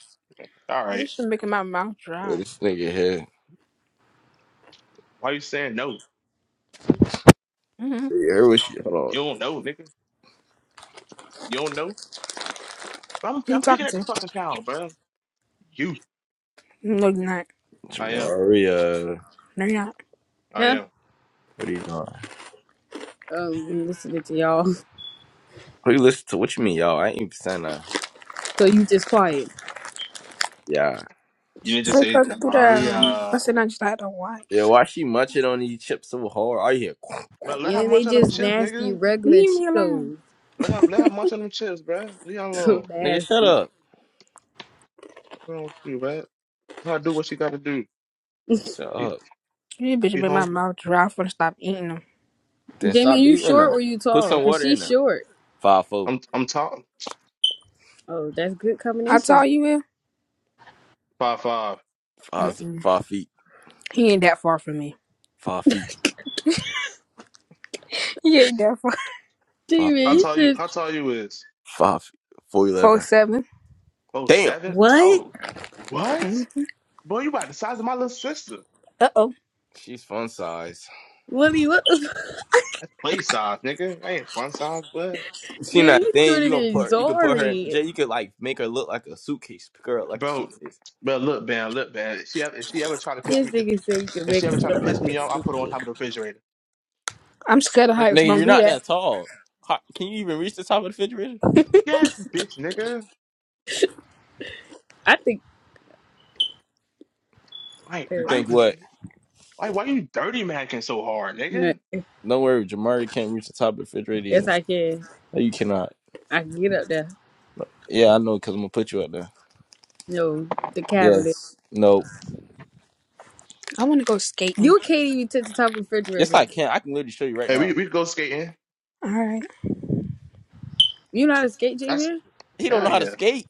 [SPEAKER 3] all right.
[SPEAKER 2] This shit making my mouth
[SPEAKER 5] Bro,
[SPEAKER 2] dry.
[SPEAKER 5] this nigga here.
[SPEAKER 3] Why you saying no?
[SPEAKER 2] Mm-hmm.
[SPEAKER 5] Here was she? Hold
[SPEAKER 3] You don't know, nigga. You don't know. I'm,
[SPEAKER 2] Who you
[SPEAKER 3] I'm picking
[SPEAKER 2] talking
[SPEAKER 3] up the
[SPEAKER 2] to?
[SPEAKER 3] fucking towel, bro. You.
[SPEAKER 2] No, you're not.
[SPEAKER 5] on,
[SPEAKER 3] I am.
[SPEAKER 5] Jamaria.
[SPEAKER 2] No, you're not.
[SPEAKER 3] I
[SPEAKER 1] huh?"
[SPEAKER 3] am.
[SPEAKER 5] What are you doing?
[SPEAKER 1] Um, I'm listening to y'all.
[SPEAKER 5] Who you listen to? What you mean, y'all? I ain't even saying that.
[SPEAKER 1] So you just quiet,
[SPEAKER 5] Yeah,
[SPEAKER 3] You didn't just
[SPEAKER 2] Take
[SPEAKER 3] say
[SPEAKER 2] her through that. I
[SPEAKER 3] Jamaria.
[SPEAKER 2] said I just had to
[SPEAKER 5] yeah.
[SPEAKER 2] watch.
[SPEAKER 5] Why she munching on these chips so hard? Are you here?
[SPEAKER 3] But let her
[SPEAKER 1] and they
[SPEAKER 3] munch on them
[SPEAKER 1] just
[SPEAKER 3] chips,
[SPEAKER 1] nasty
[SPEAKER 3] nigga.
[SPEAKER 1] regular
[SPEAKER 2] Leave me alone.
[SPEAKER 1] Cheetos.
[SPEAKER 3] Let her let her munch on them chips, bro. Leave her alone.
[SPEAKER 1] So
[SPEAKER 5] Nigga, shut
[SPEAKER 1] nasty.
[SPEAKER 5] up.
[SPEAKER 3] wrong with you, man? How do what she got to do?
[SPEAKER 5] Shut
[SPEAKER 3] You,
[SPEAKER 5] up.
[SPEAKER 2] You bitch
[SPEAKER 3] you
[SPEAKER 2] make my
[SPEAKER 3] hungry?
[SPEAKER 2] mouth dry. I'm finna stop eating them.
[SPEAKER 5] Then
[SPEAKER 1] Jamie,
[SPEAKER 5] stop
[SPEAKER 1] you
[SPEAKER 5] eating
[SPEAKER 1] short
[SPEAKER 5] them.
[SPEAKER 1] or you
[SPEAKER 5] Put
[SPEAKER 1] tall?
[SPEAKER 5] some
[SPEAKER 1] Cause
[SPEAKER 5] water in
[SPEAKER 1] she's
[SPEAKER 5] them.
[SPEAKER 1] short.
[SPEAKER 5] Five four.
[SPEAKER 3] I'm I'm tall.
[SPEAKER 1] Oh, that's good
[SPEAKER 2] How
[SPEAKER 1] combination.
[SPEAKER 2] tall you is?
[SPEAKER 3] Five five.
[SPEAKER 5] Five, z-
[SPEAKER 2] Mm-mm.
[SPEAKER 5] five feet,
[SPEAKER 2] He ain't that far from me.
[SPEAKER 5] five feet,
[SPEAKER 2] He ain't that far.
[SPEAKER 1] Gee,
[SPEAKER 5] five
[SPEAKER 1] man,
[SPEAKER 3] How
[SPEAKER 5] feet,
[SPEAKER 1] you
[SPEAKER 3] tall you?
[SPEAKER 1] should.
[SPEAKER 3] How tall you is?
[SPEAKER 5] five feet, four
[SPEAKER 2] Four
[SPEAKER 5] eleven.
[SPEAKER 2] seven.
[SPEAKER 3] Oh
[SPEAKER 5] Damn.
[SPEAKER 3] seven.
[SPEAKER 1] What?
[SPEAKER 3] Oh, what?
[SPEAKER 2] Mm.
[SPEAKER 3] Boy, you about the size of my little sister.
[SPEAKER 2] Uh oh.
[SPEAKER 5] She's fun size.
[SPEAKER 1] Willie, what the fuck?
[SPEAKER 3] That's play size, nigga. That ain't fun size, but
[SPEAKER 5] She
[SPEAKER 1] Damn,
[SPEAKER 5] that
[SPEAKER 1] you
[SPEAKER 5] thing?
[SPEAKER 1] shorter
[SPEAKER 5] You gonna
[SPEAKER 1] than
[SPEAKER 5] put you could put her In,
[SPEAKER 1] Zari.
[SPEAKER 5] Jay. You could like make her look like a suitcase. Pick her up like a
[SPEAKER 3] bro,
[SPEAKER 5] suitcase.
[SPEAKER 3] bro, look, man, look, man. If she ever, if she ever try to piss
[SPEAKER 1] This
[SPEAKER 3] me, if
[SPEAKER 1] nigga say you can
[SPEAKER 3] if
[SPEAKER 1] make
[SPEAKER 3] she
[SPEAKER 1] her
[SPEAKER 3] ever try to
[SPEAKER 1] look
[SPEAKER 3] piss
[SPEAKER 1] like a
[SPEAKER 3] me off, I put her on
[SPEAKER 1] suki.
[SPEAKER 3] top of the refrigerator.
[SPEAKER 2] I'm scared of
[SPEAKER 1] Uh,
[SPEAKER 2] heights.
[SPEAKER 5] Nigga,
[SPEAKER 2] Don't
[SPEAKER 5] you're
[SPEAKER 2] do
[SPEAKER 5] not
[SPEAKER 2] that.
[SPEAKER 5] that tall. How, can you even reach the top of the refrigerator?
[SPEAKER 3] Yes, bitch, nigga.
[SPEAKER 1] I think
[SPEAKER 3] Like,
[SPEAKER 5] You
[SPEAKER 1] that,
[SPEAKER 3] why you,
[SPEAKER 5] think
[SPEAKER 3] just-
[SPEAKER 5] what?
[SPEAKER 3] why, why you dirty macking so hard,
[SPEAKER 1] no,
[SPEAKER 3] nigga?
[SPEAKER 5] Don't worry, Jamari can't reach the top of the refrigerator either.
[SPEAKER 1] yes, I can.
[SPEAKER 5] No, you cannot.
[SPEAKER 1] I can get up there.
[SPEAKER 5] Yeah, I know, cause I'm gonna put you up there.
[SPEAKER 1] No, the cabinet.
[SPEAKER 5] Yes. Nope.
[SPEAKER 2] I want to go skating.
[SPEAKER 1] You can't even touch the top of the
[SPEAKER 5] Yes,
[SPEAKER 1] refrigerator.
[SPEAKER 5] I can. I can literally show you right
[SPEAKER 3] Hey, we
[SPEAKER 5] now.
[SPEAKER 3] we could go skating.
[SPEAKER 2] All right.
[SPEAKER 1] You know how to skate,
[SPEAKER 3] That's
[SPEAKER 1] J-Man?
[SPEAKER 5] He don't
[SPEAKER 3] hell
[SPEAKER 5] know how to
[SPEAKER 3] yeah.
[SPEAKER 5] skate.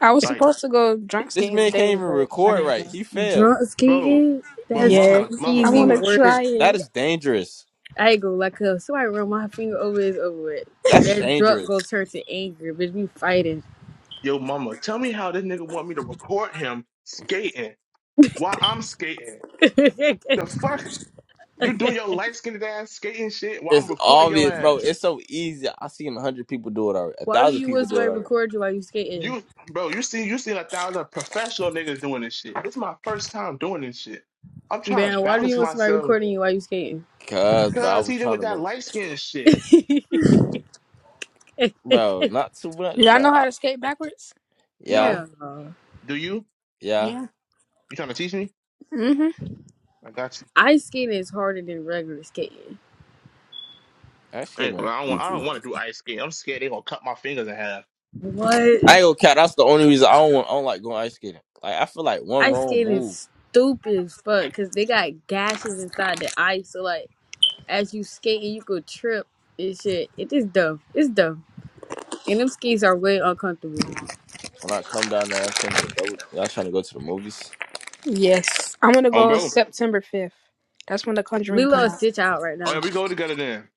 [SPEAKER 2] I was
[SPEAKER 3] Like.
[SPEAKER 2] supposed to go drunk
[SPEAKER 5] This
[SPEAKER 2] skating
[SPEAKER 5] man
[SPEAKER 2] today,
[SPEAKER 5] can't even
[SPEAKER 2] but I
[SPEAKER 5] record
[SPEAKER 2] didn't go.
[SPEAKER 5] right. He failed.
[SPEAKER 1] Drunk
[SPEAKER 3] bro,
[SPEAKER 1] skating?
[SPEAKER 3] bro,
[SPEAKER 1] That's
[SPEAKER 2] Yes.
[SPEAKER 3] mama, mama,
[SPEAKER 2] I want
[SPEAKER 1] crazy
[SPEAKER 2] to
[SPEAKER 3] mama,
[SPEAKER 1] work.
[SPEAKER 2] try
[SPEAKER 5] That
[SPEAKER 2] it.
[SPEAKER 5] is dangerous.
[SPEAKER 1] I ain't gonna like her. Somebody run my finger over is over with.
[SPEAKER 5] That's
[SPEAKER 1] That drunk gonna
[SPEAKER 5] dangerous.
[SPEAKER 1] turn to anger, bitch. We fighting.
[SPEAKER 3] yo, mama, tell me how this nigga want me to record him skating while I'm skating. The fuck you doing your light skinned ass skating shit while I'm
[SPEAKER 5] It's
[SPEAKER 3] recording your
[SPEAKER 5] obvious, bro.
[SPEAKER 3] ass.
[SPEAKER 5] It's so easy. I seen a hundred people do it already. A
[SPEAKER 1] why do
[SPEAKER 5] thousand
[SPEAKER 1] you
[SPEAKER 5] people
[SPEAKER 1] want
[SPEAKER 5] do
[SPEAKER 1] somebody
[SPEAKER 5] it
[SPEAKER 1] to
[SPEAKER 5] already.
[SPEAKER 1] record you while you skating?
[SPEAKER 3] You, bro, you seen you seen a thousand professional niggas doing this shit. This is my first time doing this shit. I'm trying to
[SPEAKER 1] Man, why do you
[SPEAKER 3] balance
[SPEAKER 1] want somebody
[SPEAKER 3] myself
[SPEAKER 1] recording you while you skating?
[SPEAKER 5] Cause, bro, I
[SPEAKER 3] because
[SPEAKER 5] was
[SPEAKER 3] he did
[SPEAKER 5] trying
[SPEAKER 3] with
[SPEAKER 5] to
[SPEAKER 3] that
[SPEAKER 5] make,
[SPEAKER 3] light skinned shit.
[SPEAKER 5] bro, not too much,
[SPEAKER 2] Y'all
[SPEAKER 5] bro.
[SPEAKER 2] know how to skate backwards?
[SPEAKER 5] Yeah,
[SPEAKER 3] No,
[SPEAKER 1] Hell no.
[SPEAKER 3] do you?
[SPEAKER 5] yeah.
[SPEAKER 2] Yeah.
[SPEAKER 3] You trying to teach me?
[SPEAKER 2] Mm-hmm.
[SPEAKER 3] I got you.
[SPEAKER 1] Ice skating is harder than regular skating.
[SPEAKER 5] Ice
[SPEAKER 3] I
[SPEAKER 5] skating
[SPEAKER 3] ain't gonna.
[SPEAKER 5] was
[SPEAKER 3] I don't want. I
[SPEAKER 5] easy.
[SPEAKER 3] don't want to do ice skating. I'm scared they gonna cut my fingers in half.
[SPEAKER 1] What?
[SPEAKER 5] I ain't gonna count. That's the only reason I don't, want, I don't like going ice skating. Like, I feel like one
[SPEAKER 1] Ice
[SPEAKER 5] wrong
[SPEAKER 1] skating
[SPEAKER 5] move
[SPEAKER 1] is stupid as fuck because they got gashes inside the ice. So, like, as you skating, you could trip and shit. It is dumb. It's dumb. And them skis are way uncomfortable.
[SPEAKER 5] when I come down there, I'm trying to double. Y'all trying to go to the movies?
[SPEAKER 2] Yes. I'm gonna
[SPEAKER 3] Oh,
[SPEAKER 2] go
[SPEAKER 3] bro.
[SPEAKER 2] September 5th. That's when The Conjuring
[SPEAKER 1] Lilo
[SPEAKER 2] come
[SPEAKER 1] and
[SPEAKER 2] out.
[SPEAKER 1] Stitch out right
[SPEAKER 3] Oh yeah,
[SPEAKER 1] now.
[SPEAKER 3] we go together then.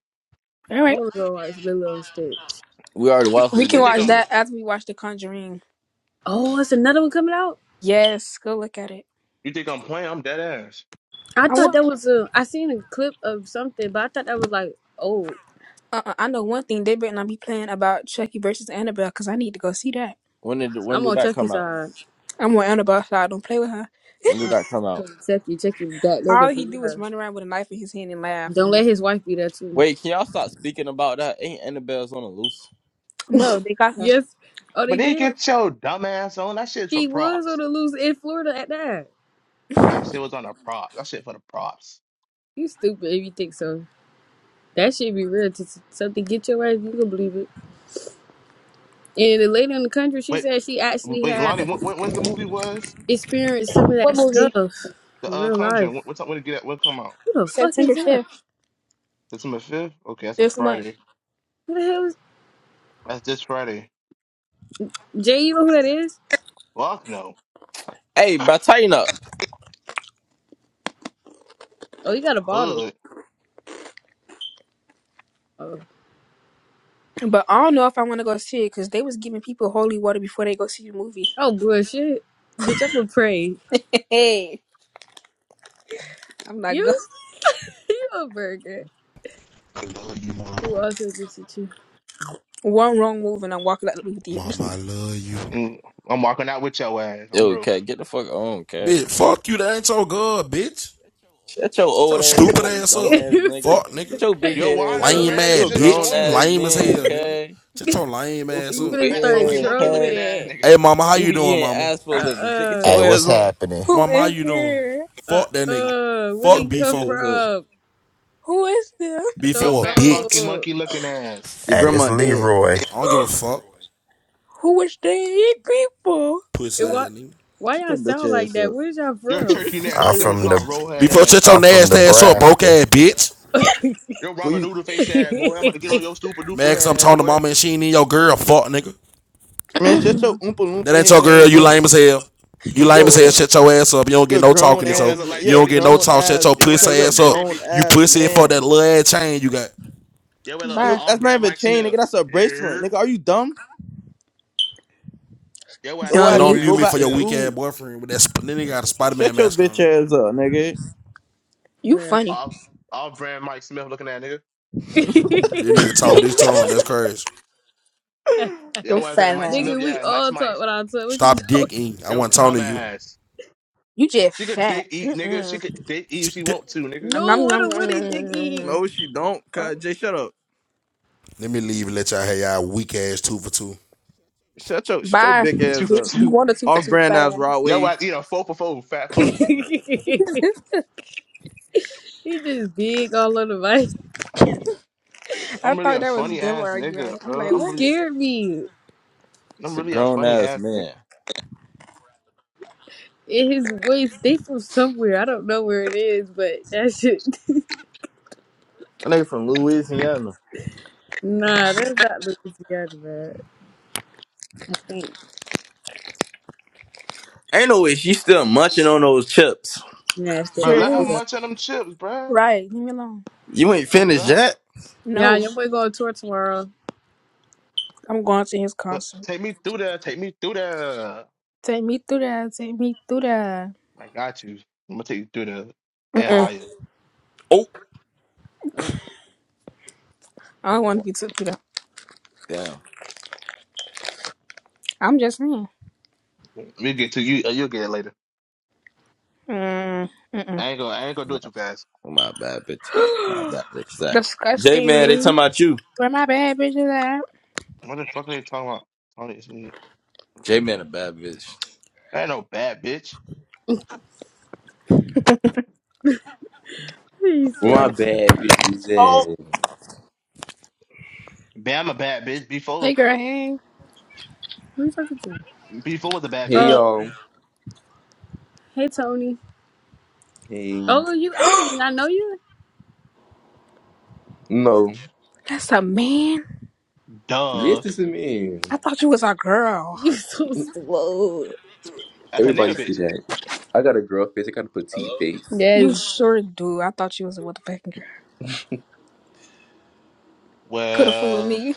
[SPEAKER 2] All
[SPEAKER 1] I
[SPEAKER 2] right.
[SPEAKER 1] want to go watch Lilo and Stitch.
[SPEAKER 5] We already
[SPEAKER 3] You,
[SPEAKER 5] watched
[SPEAKER 2] We can
[SPEAKER 3] you
[SPEAKER 5] Lilo
[SPEAKER 3] think
[SPEAKER 2] watch
[SPEAKER 3] I'm
[SPEAKER 5] instead.
[SPEAKER 2] that after we watch The Conjuring.
[SPEAKER 1] Oh, it's another one coming out?
[SPEAKER 2] Yes. Go look at it.
[SPEAKER 3] you think I'm playing? I'm dead ass.
[SPEAKER 1] I
[SPEAKER 2] I
[SPEAKER 1] thought
[SPEAKER 2] want.
[SPEAKER 1] that was a. I seen a clip of something, but I thought that was like, oh,
[SPEAKER 2] Uh, I know one thing. They better not be playing about Chucky versus Annabelle because I need to go see that.
[SPEAKER 5] When did when
[SPEAKER 1] I'm
[SPEAKER 5] do
[SPEAKER 1] on
[SPEAKER 5] that come
[SPEAKER 1] Chucky's
[SPEAKER 5] out?
[SPEAKER 1] side.
[SPEAKER 2] I'm with Annabelle, so I don't play with her.
[SPEAKER 5] When do
[SPEAKER 1] Uh,
[SPEAKER 5] that come
[SPEAKER 1] so
[SPEAKER 5] out?
[SPEAKER 1] Chucky, Chucky, that
[SPEAKER 2] All
[SPEAKER 1] nigga
[SPEAKER 2] he
[SPEAKER 1] for
[SPEAKER 2] do is
[SPEAKER 1] sure.
[SPEAKER 2] run around with a knife in his hand and laugh.
[SPEAKER 1] Don't let his wife be there too.
[SPEAKER 5] Wait, can y'all stop speaking about that? Ain't Annabelle's on the loose?
[SPEAKER 2] No, they got her
[SPEAKER 1] Yes. Oh, they
[SPEAKER 3] But then
[SPEAKER 1] did.
[SPEAKER 3] get your dumb ass on. That shit's for
[SPEAKER 1] She was on
[SPEAKER 3] props.
[SPEAKER 1] the loose in Florida at that.
[SPEAKER 3] That shit was on a prop. That shit for the props.
[SPEAKER 1] You stupid if you think so. That should be real. To to- something get your ass, you can believe it. And the lady in the country, she
[SPEAKER 3] Wait,
[SPEAKER 1] said she actually
[SPEAKER 3] wait,
[SPEAKER 1] had
[SPEAKER 3] Lonnie, when, when, when's the movie was?
[SPEAKER 1] experienced some of
[SPEAKER 2] What
[SPEAKER 1] that
[SPEAKER 2] movie?
[SPEAKER 1] stuff
[SPEAKER 3] The
[SPEAKER 1] in
[SPEAKER 3] uh
[SPEAKER 1] real life.
[SPEAKER 3] Conjuring. When, what's up? When it get out? When it come out?
[SPEAKER 1] Who the fuck is
[SPEAKER 2] September
[SPEAKER 1] that?
[SPEAKER 2] 5th,
[SPEAKER 3] September fifth. Okay, that's a
[SPEAKER 2] this month.
[SPEAKER 3] Friday.
[SPEAKER 1] Who the hell is
[SPEAKER 3] That's this Friday.
[SPEAKER 1] Jay? You know who that is?
[SPEAKER 3] Fuck no.
[SPEAKER 5] Hey, bro, tighten up.
[SPEAKER 1] Oh, you got a bottle.
[SPEAKER 3] Hood.
[SPEAKER 1] Oh.
[SPEAKER 2] But I don't know if I want to go see it because they was giving people holy water before they go see the movie.
[SPEAKER 1] Oh bullshit. Bitch, I'm going to pray.
[SPEAKER 2] Hey, I'm not go.
[SPEAKER 1] You you a burger. Who also just at you.
[SPEAKER 2] One wrong move and I'm walking out the movie
[SPEAKER 6] Mama, I
[SPEAKER 2] theater.
[SPEAKER 6] love you.
[SPEAKER 3] Mm, I'm walking out with your ass,
[SPEAKER 5] Yo,
[SPEAKER 3] homebrew.
[SPEAKER 5] cat, get the fuck on, cat.
[SPEAKER 6] Bitch, fuck you. That ain't your girl, bitch.
[SPEAKER 5] Shut your
[SPEAKER 6] Shut
[SPEAKER 5] old
[SPEAKER 6] your
[SPEAKER 5] ass
[SPEAKER 6] stupid
[SPEAKER 5] up, you
[SPEAKER 6] ass
[SPEAKER 5] dumb
[SPEAKER 6] up.
[SPEAKER 5] ass nigga.
[SPEAKER 6] Fuck, nigga.
[SPEAKER 5] Shut your big
[SPEAKER 3] Yo,
[SPEAKER 5] head
[SPEAKER 3] why are
[SPEAKER 5] ass
[SPEAKER 3] they
[SPEAKER 5] up.
[SPEAKER 6] Lame
[SPEAKER 1] no, they
[SPEAKER 5] You
[SPEAKER 6] ass,
[SPEAKER 3] randoms
[SPEAKER 5] a
[SPEAKER 1] finna
[SPEAKER 3] just
[SPEAKER 5] grown
[SPEAKER 6] bitch. You
[SPEAKER 5] ass
[SPEAKER 3] joining?
[SPEAKER 6] lame as
[SPEAKER 5] man,
[SPEAKER 6] hell, nigga.
[SPEAKER 5] okay?
[SPEAKER 6] Shut your lame
[SPEAKER 5] You
[SPEAKER 6] ass
[SPEAKER 1] you
[SPEAKER 6] up.
[SPEAKER 1] finna
[SPEAKER 5] stupid
[SPEAKER 3] Fat
[SPEAKER 5] head
[SPEAKER 1] start
[SPEAKER 6] Lame.
[SPEAKER 3] funky
[SPEAKER 5] ass,
[SPEAKER 3] monkey looking
[SPEAKER 5] okay?
[SPEAKER 3] ass
[SPEAKER 1] trolling.
[SPEAKER 6] Hey,
[SPEAKER 3] nigga.
[SPEAKER 6] mama, how
[SPEAKER 5] You
[SPEAKER 6] you
[SPEAKER 5] be
[SPEAKER 6] doing,
[SPEAKER 5] eating
[SPEAKER 6] mama?
[SPEAKER 5] ass
[SPEAKER 1] Uh
[SPEAKER 5] for a living. J- Get
[SPEAKER 1] uh.
[SPEAKER 5] your
[SPEAKER 7] Hey,
[SPEAKER 5] ass
[SPEAKER 7] what's
[SPEAKER 5] on.
[SPEAKER 7] happening?
[SPEAKER 2] Who
[SPEAKER 6] Mama, how
[SPEAKER 2] in
[SPEAKER 6] you doing?
[SPEAKER 2] here?
[SPEAKER 1] Uh
[SPEAKER 6] Fuck that nigga.
[SPEAKER 1] uh. Where
[SPEAKER 6] Fuck
[SPEAKER 1] they
[SPEAKER 5] Shut your
[SPEAKER 1] come
[SPEAKER 5] bitch
[SPEAKER 6] B4.
[SPEAKER 5] ass up.
[SPEAKER 1] from?
[SPEAKER 2] Who is there?
[SPEAKER 1] I
[SPEAKER 3] Yo,
[SPEAKER 1] don't
[SPEAKER 6] B4 a
[SPEAKER 3] fat funky
[SPEAKER 6] bitch.
[SPEAKER 1] know.
[SPEAKER 3] monkey looking ass.
[SPEAKER 5] Your
[SPEAKER 7] Hey, it's
[SPEAKER 5] grandma dead.
[SPEAKER 7] Leroy.
[SPEAKER 6] I don't give a fuck.
[SPEAKER 2] Who is they people?
[SPEAKER 6] Pussy
[SPEAKER 1] And why
[SPEAKER 6] ass nigga.
[SPEAKER 1] why
[SPEAKER 5] Shut
[SPEAKER 1] y'all
[SPEAKER 5] your
[SPEAKER 1] sound
[SPEAKER 5] bitch
[SPEAKER 1] like
[SPEAKER 5] ass
[SPEAKER 1] that?
[SPEAKER 5] up.
[SPEAKER 1] Where's y'all
[SPEAKER 3] Your
[SPEAKER 1] from?
[SPEAKER 3] turkey
[SPEAKER 2] That's
[SPEAKER 3] neck
[SPEAKER 2] all
[SPEAKER 7] I'm
[SPEAKER 2] your
[SPEAKER 3] simmer
[SPEAKER 7] from
[SPEAKER 3] salt,
[SPEAKER 7] the
[SPEAKER 2] bitch.
[SPEAKER 3] roll head
[SPEAKER 6] B4, shut
[SPEAKER 3] ass.
[SPEAKER 6] your
[SPEAKER 7] I'm from
[SPEAKER 6] nasty ass up, broke
[SPEAKER 7] Nebraska.
[SPEAKER 6] ass bitch.
[SPEAKER 3] Your
[SPEAKER 5] Who
[SPEAKER 3] ramen
[SPEAKER 5] you
[SPEAKER 3] noodle face ass boy. I'm about to get on your stupid duper
[SPEAKER 6] Mad cause
[SPEAKER 3] head
[SPEAKER 6] I'm
[SPEAKER 3] ass
[SPEAKER 6] talking to
[SPEAKER 3] boy.
[SPEAKER 6] mama and she ain't in your girl. Fuck, nigga.
[SPEAKER 5] man, shut your oompa
[SPEAKER 6] That
[SPEAKER 5] loompa
[SPEAKER 6] ain't your
[SPEAKER 5] head
[SPEAKER 6] girl.
[SPEAKER 5] ass
[SPEAKER 6] You
[SPEAKER 5] up.
[SPEAKER 6] lame as hell. You
[SPEAKER 5] The
[SPEAKER 6] lame as
[SPEAKER 5] fuck
[SPEAKER 6] hell.
[SPEAKER 5] up.
[SPEAKER 6] Shut your ass up. You don't
[SPEAKER 5] You're
[SPEAKER 6] get
[SPEAKER 5] a
[SPEAKER 6] no
[SPEAKER 5] grown
[SPEAKER 6] talking to
[SPEAKER 3] Yo, I
[SPEAKER 6] so
[SPEAKER 5] ass
[SPEAKER 3] look
[SPEAKER 5] man.
[SPEAKER 3] like
[SPEAKER 6] you
[SPEAKER 5] You're a
[SPEAKER 6] don't
[SPEAKER 3] dirty.
[SPEAKER 6] get
[SPEAKER 3] G-
[SPEAKER 6] no
[SPEAKER 5] grown
[SPEAKER 6] talk. Shut
[SPEAKER 5] ass
[SPEAKER 6] your
[SPEAKER 3] yo, I
[SPEAKER 6] pussy
[SPEAKER 5] because
[SPEAKER 3] look
[SPEAKER 5] you're a
[SPEAKER 3] like
[SPEAKER 6] ass up.
[SPEAKER 3] dirty.
[SPEAKER 5] grown
[SPEAKER 3] B-
[SPEAKER 6] You
[SPEAKER 5] ass
[SPEAKER 6] pussy for
[SPEAKER 5] man.
[SPEAKER 6] that little ass chain you got.
[SPEAKER 3] yo, I look like an
[SPEAKER 2] Bye,
[SPEAKER 5] Nigga,
[SPEAKER 3] all
[SPEAKER 5] that's not
[SPEAKER 3] brand
[SPEAKER 5] even a
[SPEAKER 3] Mike
[SPEAKER 5] chain, nigga.
[SPEAKER 3] Smith.
[SPEAKER 5] That's a bracelet.
[SPEAKER 3] Yeah.
[SPEAKER 5] Nigga, are you dumb?
[SPEAKER 3] Yo, I an
[SPEAKER 5] Oh,
[SPEAKER 6] And
[SPEAKER 5] I
[SPEAKER 3] all
[SPEAKER 5] need
[SPEAKER 2] dummy.
[SPEAKER 6] don't
[SPEAKER 5] to
[SPEAKER 3] brand
[SPEAKER 6] mute
[SPEAKER 5] go
[SPEAKER 6] me
[SPEAKER 3] Mike
[SPEAKER 6] for
[SPEAKER 5] back to
[SPEAKER 6] your
[SPEAKER 3] Smith.
[SPEAKER 6] weak ass
[SPEAKER 5] school.
[SPEAKER 6] boyfriend with that. Sp- then he got a Spider Man
[SPEAKER 5] Shut your
[SPEAKER 6] mask
[SPEAKER 5] bitch
[SPEAKER 6] on.
[SPEAKER 5] ass up, nigga.
[SPEAKER 2] You
[SPEAKER 1] Bruh.
[SPEAKER 2] funny.
[SPEAKER 3] All all brand Mike Smith looking at nigga.
[SPEAKER 6] This nigga talk with his tongue. That's crazy.
[SPEAKER 2] you
[SPEAKER 3] Yo, I ain't
[SPEAKER 2] fat
[SPEAKER 3] Mike
[SPEAKER 2] ass.
[SPEAKER 3] Smith.
[SPEAKER 1] Nigga, we
[SPEAKER 3] Yeah, Mike
[SPEAKER 1] all talk
[SPEAKER 3] Smith.
[SPEAKER 1] what I talk. What you
[SPEAKER 6] Stop
[SPEAKER 1] talking?
[SPEAKER 6] dicking. I
[SPEAKER 3] It was
[SPEAKER 6] want to talk to you.
[SPEAKER 3] dumbass.
[SPEAKER 2] You just
[SPEAKER 3] She could
[SPEAKER 2] fat.
[SPEAKER 3] date eat nigga. She
[SPEAKER 2] Mm-mm.
[SPEAKER 3] could date eat if she want to nigga.
[SPEAKER 1] No,
[SPEAKER 2] Nom,
[SPEAKER 1] what
[SPEAKER 2] nom,
[SPEAKER 1] a what
[SPEAKER 2] nom,
[SPEAKER 1] he
[SPEAKER 2] nom, nom, nom.
[SPEAKER 5] No, she don't.
[SPEAKER 2] Fuck.
[SPEAKER 5] Cause Jay, shut up.
[SPEAKER 6] Let me leave and let y'all have y'all weak ass two for two.
[SPEAKER 5] Shut your shut your
[SPEAKER 2] Bye,
[SPEAKER 5] big
[SPEAKER 3] Two
[SPEAKER 5] ass
[SPEAKER 3] for
[SPEAKER 5] up.
[SPEAKER 2] bitch. You
[SPEAKER 3] two.
[SPEAKER 2] want a two for
[SPEAKER 5] Off
[SPEAKER 2] two,
[SPEAKER 5] brand
[SPEAKER 2] fat
[SPEAKER 5] ass
[SPEAKER 2] ass.
[SPEAKER 5] Rod
[SPEAKER 3] Yo,
[SPEAKER 5] Wave.
[SPEAKER 3] I eat a four for four fat
[SPEAKER 1] think
[SPEAKER 3] fuck.
[SPEAKER 1] he He just big all on the mic.
[SPEAKER 2] I
[SPEAKER 3] I'm really
[SPEAKER 2] thought
[SPEAKER 3] a
[SPEAKER 2] that was
[SPEAKER 3] funny
[SPEAKER 2] devil
[SPEAKER 3] ass
[SPEAKER 2] arguing.
[SPEAKER 3] nigga,
[SPEAKER 2] I'm
[SPEAKER 3] bro.
[SPEAKER 2] like,
[SPEAKER 1] He
[SPEAKER 3] I'm
[SPEAKER 2] what?
[SPEAKER 3] really
[SPEAKER 1] scared me.
[SPEAKER 3] I'm
[SPEAKER 5] It's a
[SPEAKER 3] really a
[SPEAKER 5] grown
[SPEAKER 3] funny
[SPEAKER 5] ass
[SPEAKER 3] ass nigga.
[SPEAKER 5] man.
[SPEAKER 1] In his voice, they from somewhere. I don't know where it is, but that shit.
[SPEAKER 5] That nigga from Louisiana.
[SPEAKER 1] Nah, that's not Louisiana, man. I think
[SPEAKER 5] Ain't no way she still munching on those chips.
[SPEAKER 1] nasty
[SPEAKER 3] Bro,
[SPEAKER 1] ass
[SPEAKER 3] let
[SPEAKER 2] Sure
[SPEAKER 3] her
[SPEAKER 1] Judo.
[SPEAKER 2] is.
[SPEAKER 3] munch on them chips, bro.
[SPEAKER 2] Right. Leave me alone.
[SPEAKER 5] You ain't
[SPEAKER 3] Oh
[SPEAKER 5] finished
[SPEAKER 3] God,
[SPEAKER 5] yet?
[SPEAKER 1] Yeah,
[SPEAKER 2] No,
[SPEAKER 1] your boy going on tour tomorrow.
[SPEAKER 2] I'm going to his
[SPEAKER 3] But
[SPEAKER 2] concert.
[SPEAKER 3] take me through there. Take me through there.
[SPEAKER 2] Take me through that. Take me through that.
[SPEAKER 3] I got you. I'm gonna take you through there and
[SPEAKER 2] Mm-mm.
[SPEAKER 3] higher.
[SPEAKER 5] Oh,
[SPEAKER 1] Oh,
[SPEAKER 2] I don't want to be took through that.
[SPEAKER 5] Damn.
[SPEAKER 2] I'm just saying.
[SPEAKER 3] We'll get to you. uh, You'll get it later.
[SPEAKER 2] Mm,
[SPEAKER 3] I ain't gonna. I ain't gonna
[SPEAKER 5] Where
[SPEAKER 3] do it
[SPEAKER 5] My,
[SPEAKER 3] too fast.
[SPEAKER 5] where my bad bitch. My
[SPEAKER 2] Mm-mm.
[SPEAKER 5] bad bitch. That. J Man, they
[SPEAKER 2] Disgusting.
[SPEAKER 5] talking about you.
[SPEAKER 2] Where my bad bitches at?
[SPEAKER 3] What the fuck are you talking about? Tony is me.
[SPEAKER 5] J Man a bad bitch.
[SPEAKER 3] I ain't no bad bitch.
[SPEAKER 1] he
[SPEAKER 8] Well, My
[SPEAKER 1] said it.
[SPEAKER 8] bad, bitches.
[SPEAKER 5] oh.
[SPEAKER 8] ass.
[SPEAKER 3] Bam, a bad bitch.
[SPEAKER 2] Hey,
[SPEAKER 3] Before,
[SPEAKER 2] girl, hey.
[SPEAKER 1] Who you talking to?
[SPEAKER 3] before was a bad
[SPEAKER 8] Hey,
[SPEAKER 1] Uh,
[SPEAKER 3] bitch.
[SPEAKER 8] y'all.
[SPEAKER 1] hey Tony.
[SPEAKER 8] Hey.
[SPEAKER 1] Oh, you adding? I know you.
[SPEAKER 8] No.
[SPEAKER 2] That's a man.
[SPEAKER 8] Yes,
[SPEAKER 3] Duh.
[SPEAKER 8] this is me.
[SPEAKER 2] I thought you was a girl.
[SPEAKER 1] You so slow.
[SPEAKER 3] That's a
[SPEAKER 8] Everybody
[SPEAKER 3] nigga
[SPEAKER 8] see
[SPEAKER 3] bitch.
[SPEAKER 8] that. I got a girl face. I got a petite face.
[SPEAKER 2] You
[SPEAKER 1] Yes,
[SPEAKER 2] sure do. I thought you was a motherfucking girl. Could have fooled
[SPEAKER 3] Well,
[SPEAKER 2] me.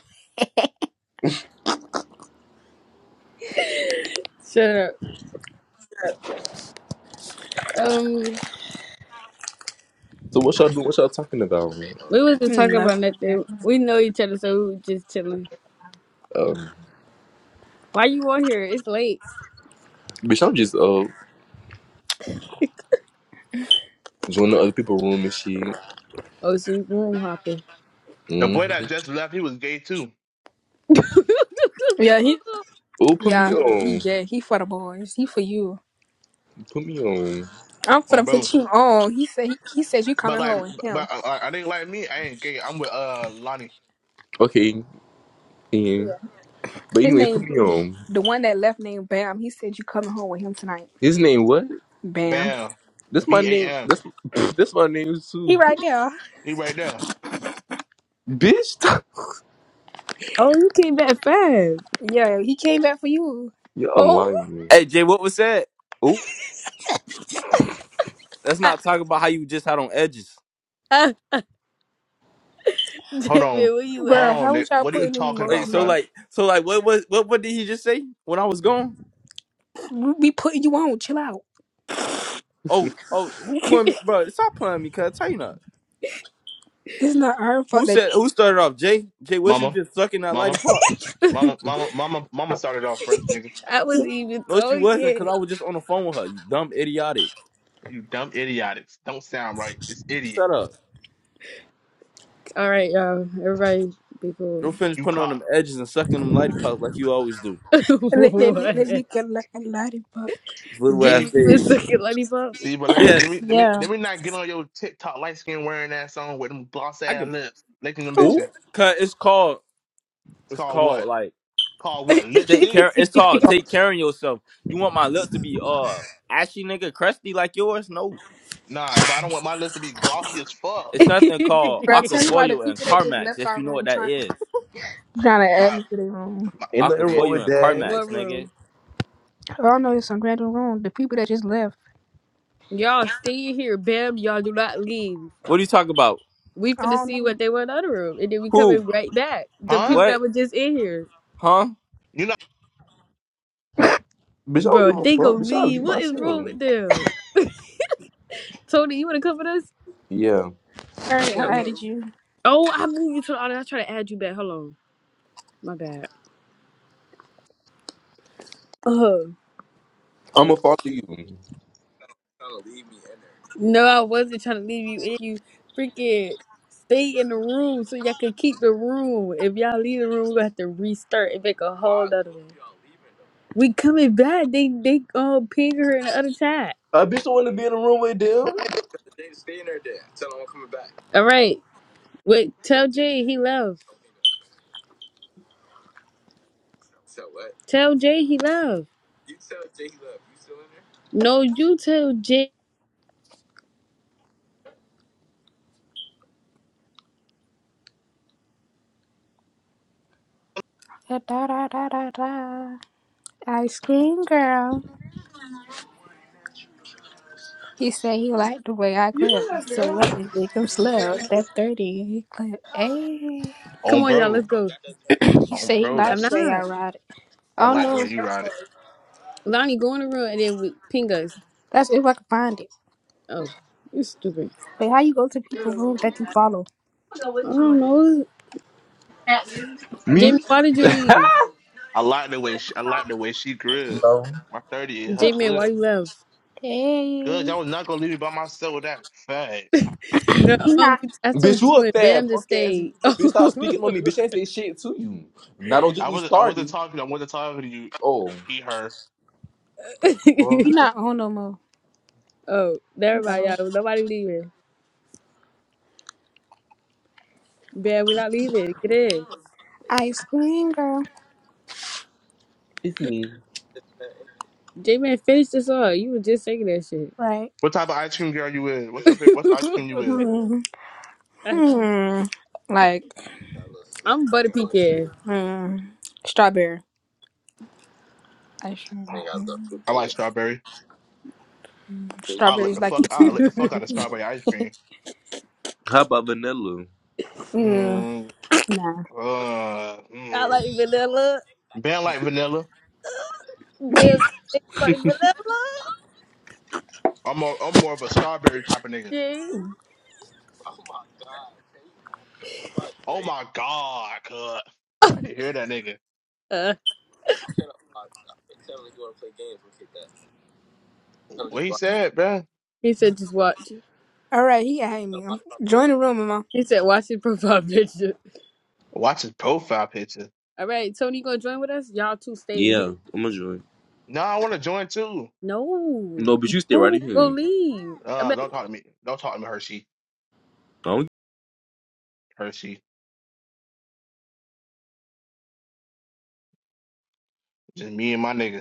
[SPEAKER 1] shut up. Um,
[SPEAKER 8] So what y'all do? What y'all talking about? man?
[SPEAKER 1] we wasn't
[SPEAKER 2] Mm,
[SPEAKER 1] talking
[SPEAKER 2] no.
[SPEAKER 1] about nothing. We know each other, so we were just chilling.
[SPEAKER 8] Um,
[SPEAKER 1] Why you on here? It's late.
[SPEAKER 8] bitch, I'm just uh joining other people's room and shit.
[SPEAKER 1] Oh, so you room hopping.
[SPEAKER 3] the boy
[SPEAKER 8] Mm-hmm.
[SPEAKER 3] that just left, he was gay too.
[SPEAKER 2] Yeah, he
[SPEAKER 8] Oh, put
[SPEAKER 2] Yeah,
[SPEAKER 8] me
[SPEAKER 2] he
[SPEAKER 8] on.
[SPEAKER 2] gay. He for the boys. He for you.
[SPEAKER 8] Put me on.
[SPEAKER 2] I'm for
[SPEAKER 3] On
[SPEAKER 2] the
[SPEAKER 3] bro.
[SPEAKER 2] put you on. He said he, he said you
[SPEAKER 3] But
[SPEAKER 2] coming
[SPEAKER 3] like,
[SPEAKER 2] home with him.
[SPEAKER 3] but uh, uh, I think like me, I ain't gay. I'm with uh Lonnie.
[SPEAKER 8] Okay. Yeah. But
[SPEAKER 2] His
[SPEAKER 8] anyways, put
[SPEAKER 2] name,
[SPEAKER 8] me on.
[SPEAKER 2] the one that left named Bam. He said you coming home with him tonight.
[SPEAKER 8] His name what?
[SPEAKER 2] Bam.
[SPEAKER 3] Bam.
[SPEAKER 8] That's my
[SPEAKER 3] B
[SPEAKER 8] name.
[SPEAKER 3] A M.
[SPEAKER 8] That's that's my name
[SPEAKER 2] He
[SPEAKER 8] too.
[SPEAKER 2] right there.
[SPEAKER 3] He right there.
[SPEAKER 8] Bitch,
[SPEAKER 1] oh, you came back fast.
[SPEAKER 2] Yeah, he came back for you,
[SPEAKER 8] y'all
[SPEAKER 1] Oh,
[SPEAKER 8] lying. Man.
[SPEAKER 5] Hey Jay, what was that?
[SPEAKER 8] Oh,
[SPEAKER 5] Let's
[SPEAKER 1] I,
[SPEAKER 5] not talk about how you just had on edges.
[SPEAKER 1] I,
[SPEAKER 3] Hold
[SPEAKER 1] David,
[SPEAKER 3] on.
[SPEAKER 1] where you
[SPEAKER 3] Hold
[SPEAKER 2] bro.
[SPEAKER 1] at?
[SPEAKER 3] on,
[SPEAKER 2] How was
[SPEAKER 3] Nick.
[SPEAKER 2] y'all
[SPEAKER 3] What are you
[SPEAKER 2] putting them
[SPEAKER 3] talking
[SPEAKER 5] Wait,
[SPEAKER 3] about,
[SPEAKER 5] so
[SPEAKER 3] bruh?
[SPEAKER 2] emojis?
[SPEAKER 5] like, so like, what was what what did he just say when I was gone?
[SPEAKER 2] We be putting you on. Chill out.
[SPEAKER 5] Oh, oh, who
[SPEAKER 1] I
[SPEAKER 5] put me, bro? Stop playing me, cuz. Tell you not.
[SPEAKER 2] It's not our fault
[SPEAKER 5] Who
[SPEAKER 2] that
[SPEAKER 5] said? Who started off? Jay. Jay, was you
[SPEAKER 3] Mama.
[SPEAKER 5] just sucking that lady
[SPEAKER 3] Mama.
[SPEAKER 5] pop?
[SPEAKER 3] Mama. Mama. Mama. Mama started off first, nigga.
[SPEAKER 1] wasn't even
[SPEAKER 5] No, she wasn't, cause
[SPEAKER 1] talking.
[SPEAKER 5] I was just on the phone with her. You dumb idiotic.
[SPEAKER 3] You dumb idiotics. Don't sound right. It's idiot.
[SPEAKER 5] Shut up.
[SPEAKER 1] All right, y'all. Everybody be
[SPEAKER 5] You'll
[SPEAKER 1] cool.
[SPEAKER 5] finish
[SPEAKER 3] You
[SPEAKER 5] putting on
[SPEAKER 3] caught
[SPEAKER 5] them
[SPEAKER 3] me.
[SPEAKER 5] edges and sucking them lady pops like you always do.
[SPEAKER 2] let that that
[SPEAKER 1] what?
[SPEAKER 2] that nigga like a lollipop.
[SPEAKER 5] This little ass
[SPEAKER 1] David,
[SPEAKER 3] See,
[SPEAKER 1] you was
[SPEAKER 5] thing.
[SPEAKER 1] sucking lollipops?
[SPEAKER 3] see, but let me let
[SPEAKER 5] Yes,
[SPEAKER 3] me let me
[SPEAKER 2] Yeah.
[SPEAKER 3] let me not get on your TikTok light skin wearing ass on with them gloss
[SPEAKER 5] I
[SPEAKER 3] ass
[SPEAKER 5] can.
[SPEAKER 3] lips. Licking them
[SPEAKER 2] Oh,
[SPEAKER 3] bitch.
[SPEAKER 8] oh,
[SPEAKER 3] ass.
[SPEAKER 5] Cause it's called.
[SPEAKER 3] It's
[SPEAKER 5] It's
[SPEAKER 3] called
[SPEAKER 5] called
[SPEAKER 3] what?
[SPEAKER 5] like
[SPEAKER 3] Called what?
[SPEAKER 5] take
[SPEAKER 3] Lipstick?
[SPEAKER 5] care. It's called take care of yourself. You want my lips to be uh ashy, nigga, crusty like yours? No.
[SPEAKER 3] Nah, but I don't want my lips to be glossy as fuck.
[SPEAKER 5] It's something called
[SPEAKER 2] bro, tell you why the
[SPEAKER 5] Aquafoil and
[SPEAKER 2] people that just
[SPEAKER 5] Carmax,
[SPEAKER 2] left
[SPEAKER 5] if
[SPEAKER 2] our
[SPEAKER 5] you know what
[SPEAKER 2] room
[SPEAKER 5] that
[SPEAKER 2] trying
[SPEAKER 5] is.
[SPEAKER 2] trying to add
[SPEAKER 3] My
[SPEAKER 2] me to their room.
[SPEAKER 3] my
[SPEAKER 8] ain't nothing
[SPEAKER 3] see,
[SPEAKER 8] wrong
[SPEAKER 5] Aquafoyu
[SPEAKER 8] with
[SPEAKER 5] and
[SPEAKER 8] that.
[SPEAKER 1] what
[SPEAKER 5] Carmax, nigga.
[SPEAKER 1] room?
[SPEAKER 2] I don't know. It's some random room. The people that just left.
[SPEAKER 1] Y'all stay here. Bam, y'all do not leave.
[SPEAKER 5] What are you talking about?
[SPEAKER 1] We finna
[SPEAKER 2] Oh,
[SPEAKER 1] see
[SPEAKER 2] no,
[SPEAKER 1] what they want in the other room. And then we
[SPEAKER 5] Who?
[SPEAKER 1] coming right back. The
[SPEAKER 3] huh?
[SPEAKER 1] people that
[SPEAKER 5] What?
[SPEAKER 1] were just in here.
[SPEAKER 5] Huh?
[SPEAKER 3] You know
[SPEAKER 8] Bitch, I don't
[SPEAKER 1] Bro,
[SPEAKER 8] give a
[SPEAKER 1] they go
[SPEAKER 8] fuck. Bitch, I'll
[SPEAKER 1] leave.
[SPEAKER 8] leave
[SPEAKER 1] What is
[SPEAKER 8] myself.
[SPEAKER 1] wrong with them? Tony, you wanna come with us?
[SPEAKER 8] Yeah.
[SPEAKER 2] sorry, I Okay.
[SPEAKER 1] Okay.
[SPEAKER 2] added you.
[SPEAKER 1] Oh, I moved you to the audience. I try to add you back. Hold on. My bad. Oh.
[SPEAKER 8] I'ma follow you.
[SPEAKER 1] No, I wasn't trying to leave you in. You freaking stay in the room so y'all could keep the room. If y'all leave the room, we have to restart and make a whole other one. We coming back. They they uh ping her in the other chat.
[SPEAKER 8] I bitch don't wanna be in the room with them.
[SPEAKER 1] All right. Wait, tell Jay he love. Tell Jay he love. No, you tell Jay.
[SPEAKER 2] Da, da, da, da, da, da. Ice cream girl. He said he liked the way I clip. So let me make him slow. That's 30. He clipped. Hey.
[SPEAKER 1] Come
[SPEAKER 3] on
[SPEAKER 1] on, y'all. Let's
[SPEAKER 3] bro.
[SPEAKER 1] go.
[SPEAKER 2] He
[SPEAKER 3] On
[SPEAKER 2] said he
[SPEAKER 3] bro, that
[SPEAKER 1] I'm
[SPEAKER 2] liked the
[SPEAKER 3] shit.
[SPEAKER 2] way I
[SPEAKER 1] not.
[SPEAKER 2] ride it.
[SPEAKER 3] I
[SPEAKER 2] Oh,
[SPEAKER 3] like the
[SPEAKER 2] no.
[SPEAKER 3] way you ride it.
[SPEAKER 1] Lonnie, go in the room and then we ping us.
[SPEAKER 2] That's if I can find it.
[SPEAKER 1] Oh, you stupid.
[SPEAKER 2] But how you go to people room that you follow?
[SPEAKER 1] I don't know. Jamie,
[SPEAKER 8] Me?
[SPEAKER 1] why did you leave?
[SPEAKER 3] I like the way she, I like the way she grew it.
[SPEAKER 8] No.
[SPEAKER 3] My thirty in her
[SPEAKER 1] Jamie, why
[SPEAKER 3] clip.
[SPEAKER 1] you left?
[SPEAKER 2] Hey.
[SPEAKER 3] Good, y'all was not gonna leave me by myself with that fact.
[SPEAKER 1] You know,
[SPEAKER 2] He
[SPEAKER 1] um,
[SPEAKER 2] not.
[SPEAKER 1] I
[SPEAKER 8] Bitch,
[SPEAKER 1] told
[SPEAKER 8] you
[SPEAKER 1] you
[SPEAKER 8] a
[SPEAKER 1] and
[SPEAKER 8] fat
[SPEAKER 1] Bam to
[SPEAKER 8] punk ass
[SPEAKER 1] stay. oh,
[SPEAKER 8] nigga. Bitch, stop speaking on me. Bitch, I ain't say shit to you. Now don't get
[SPEAKER 3] I
[SPEAKER 8] me
[SPEAKER 3] wasn't I wasn't
[SPEAKER 8] started.
[SPEAKER 3] talking. I wasn't talking to you.
[SPEAKER 8] Oh.
[SPEAKER 3] He her.
[SPEAKER 2] He
[SPEAKER 8] fuck.
[SPEAKER 2] not on no more. He
[SPEAKER 1] never
[SPEAKER 2] got
[SPEAKER 1] mind,
[SPEAKER 2] away.
[SPEAKER 1] y'all. Nobody leaving. Bam, we're not leaving. Get in.
[SPEAKER 2] Ice cream girl.
[SPEAKER 8] It's me.
[SPEAKER 1] J-Man, finish this all. You were just saying that shit.
[SPEAKER 2] Right.
[SPEAKER 3] What type of ice cream girl you is? What's your favorite? What's ice cream you is?
[SPEAKER 2] Hmm. Hmm. Like,
[SPEAKER 1] I'm butter pecan.
[SPEAKER 2] hmm. Strawberry. Ice
[SPEAKER 3] I
[SPEAKER 2] cream.
[SPEAKER 3] like strawberry. I lick
[SPEAKER 2] Strawberries
[SPEAKER 3] the
[SPEAKER 2] like
[SPEAKER 3] fuck.
[SPEAKER 2] you too.
[SPEAKER 3] I lick the fuck out of strawberry ice cream.
[SPEAKER 8] How about vanilla?
[SPEAKER 2] Yeah.
[SPEAKER 3] Mm,
[SPEAKER 2] Nah.
[SPEAKER 3] uh,
[SPEAKER 1] I
[SPEAKER 3] mm.
[SPEAKER 1] like vanilla.
[SPEAKER 3] Ben like vanilla.
[SPEAKER 1] Bam, tastes like vanilla.
[SPEAKER 3] I'm more, I'm more of a strawberry type of nigga.
[SPEAKER 1] Jay.
[SPEAKER 3] Oh my god, cuz. I can hear that nigga. What he said, bruh?
[SPEAKER 1] He said, just watch.
[SPEAKER 2] All right, he hate me. Join the room, Mama.
[SPEAKER 1] He said, watch it profile picture.
[SPEAKER 3] Watch his profile picture.
[SPEAKER 1] All right, Tony, you gonna join with us? Y'all two stay in here.
[SPEAKER 8] Yeah, I'ma join.
[SPEAKER 3] No, I want to join too.
[SPEAKER 1] No,
[SPEAKER 8] No, bitch, you stay right
[SPEAKER 1] no,
[SPEAKER 8] in
[SPEAKER 1] go
[SPEAKER 8] here. I
[SPEAKER 1] leave. I bet
[SPEAKER 3] Uh, don't talk to me. Don't talk to me, Hershey.
[SPEAKER 8] don't
[SPEAKER 3] Hershey. Just me and my nigga.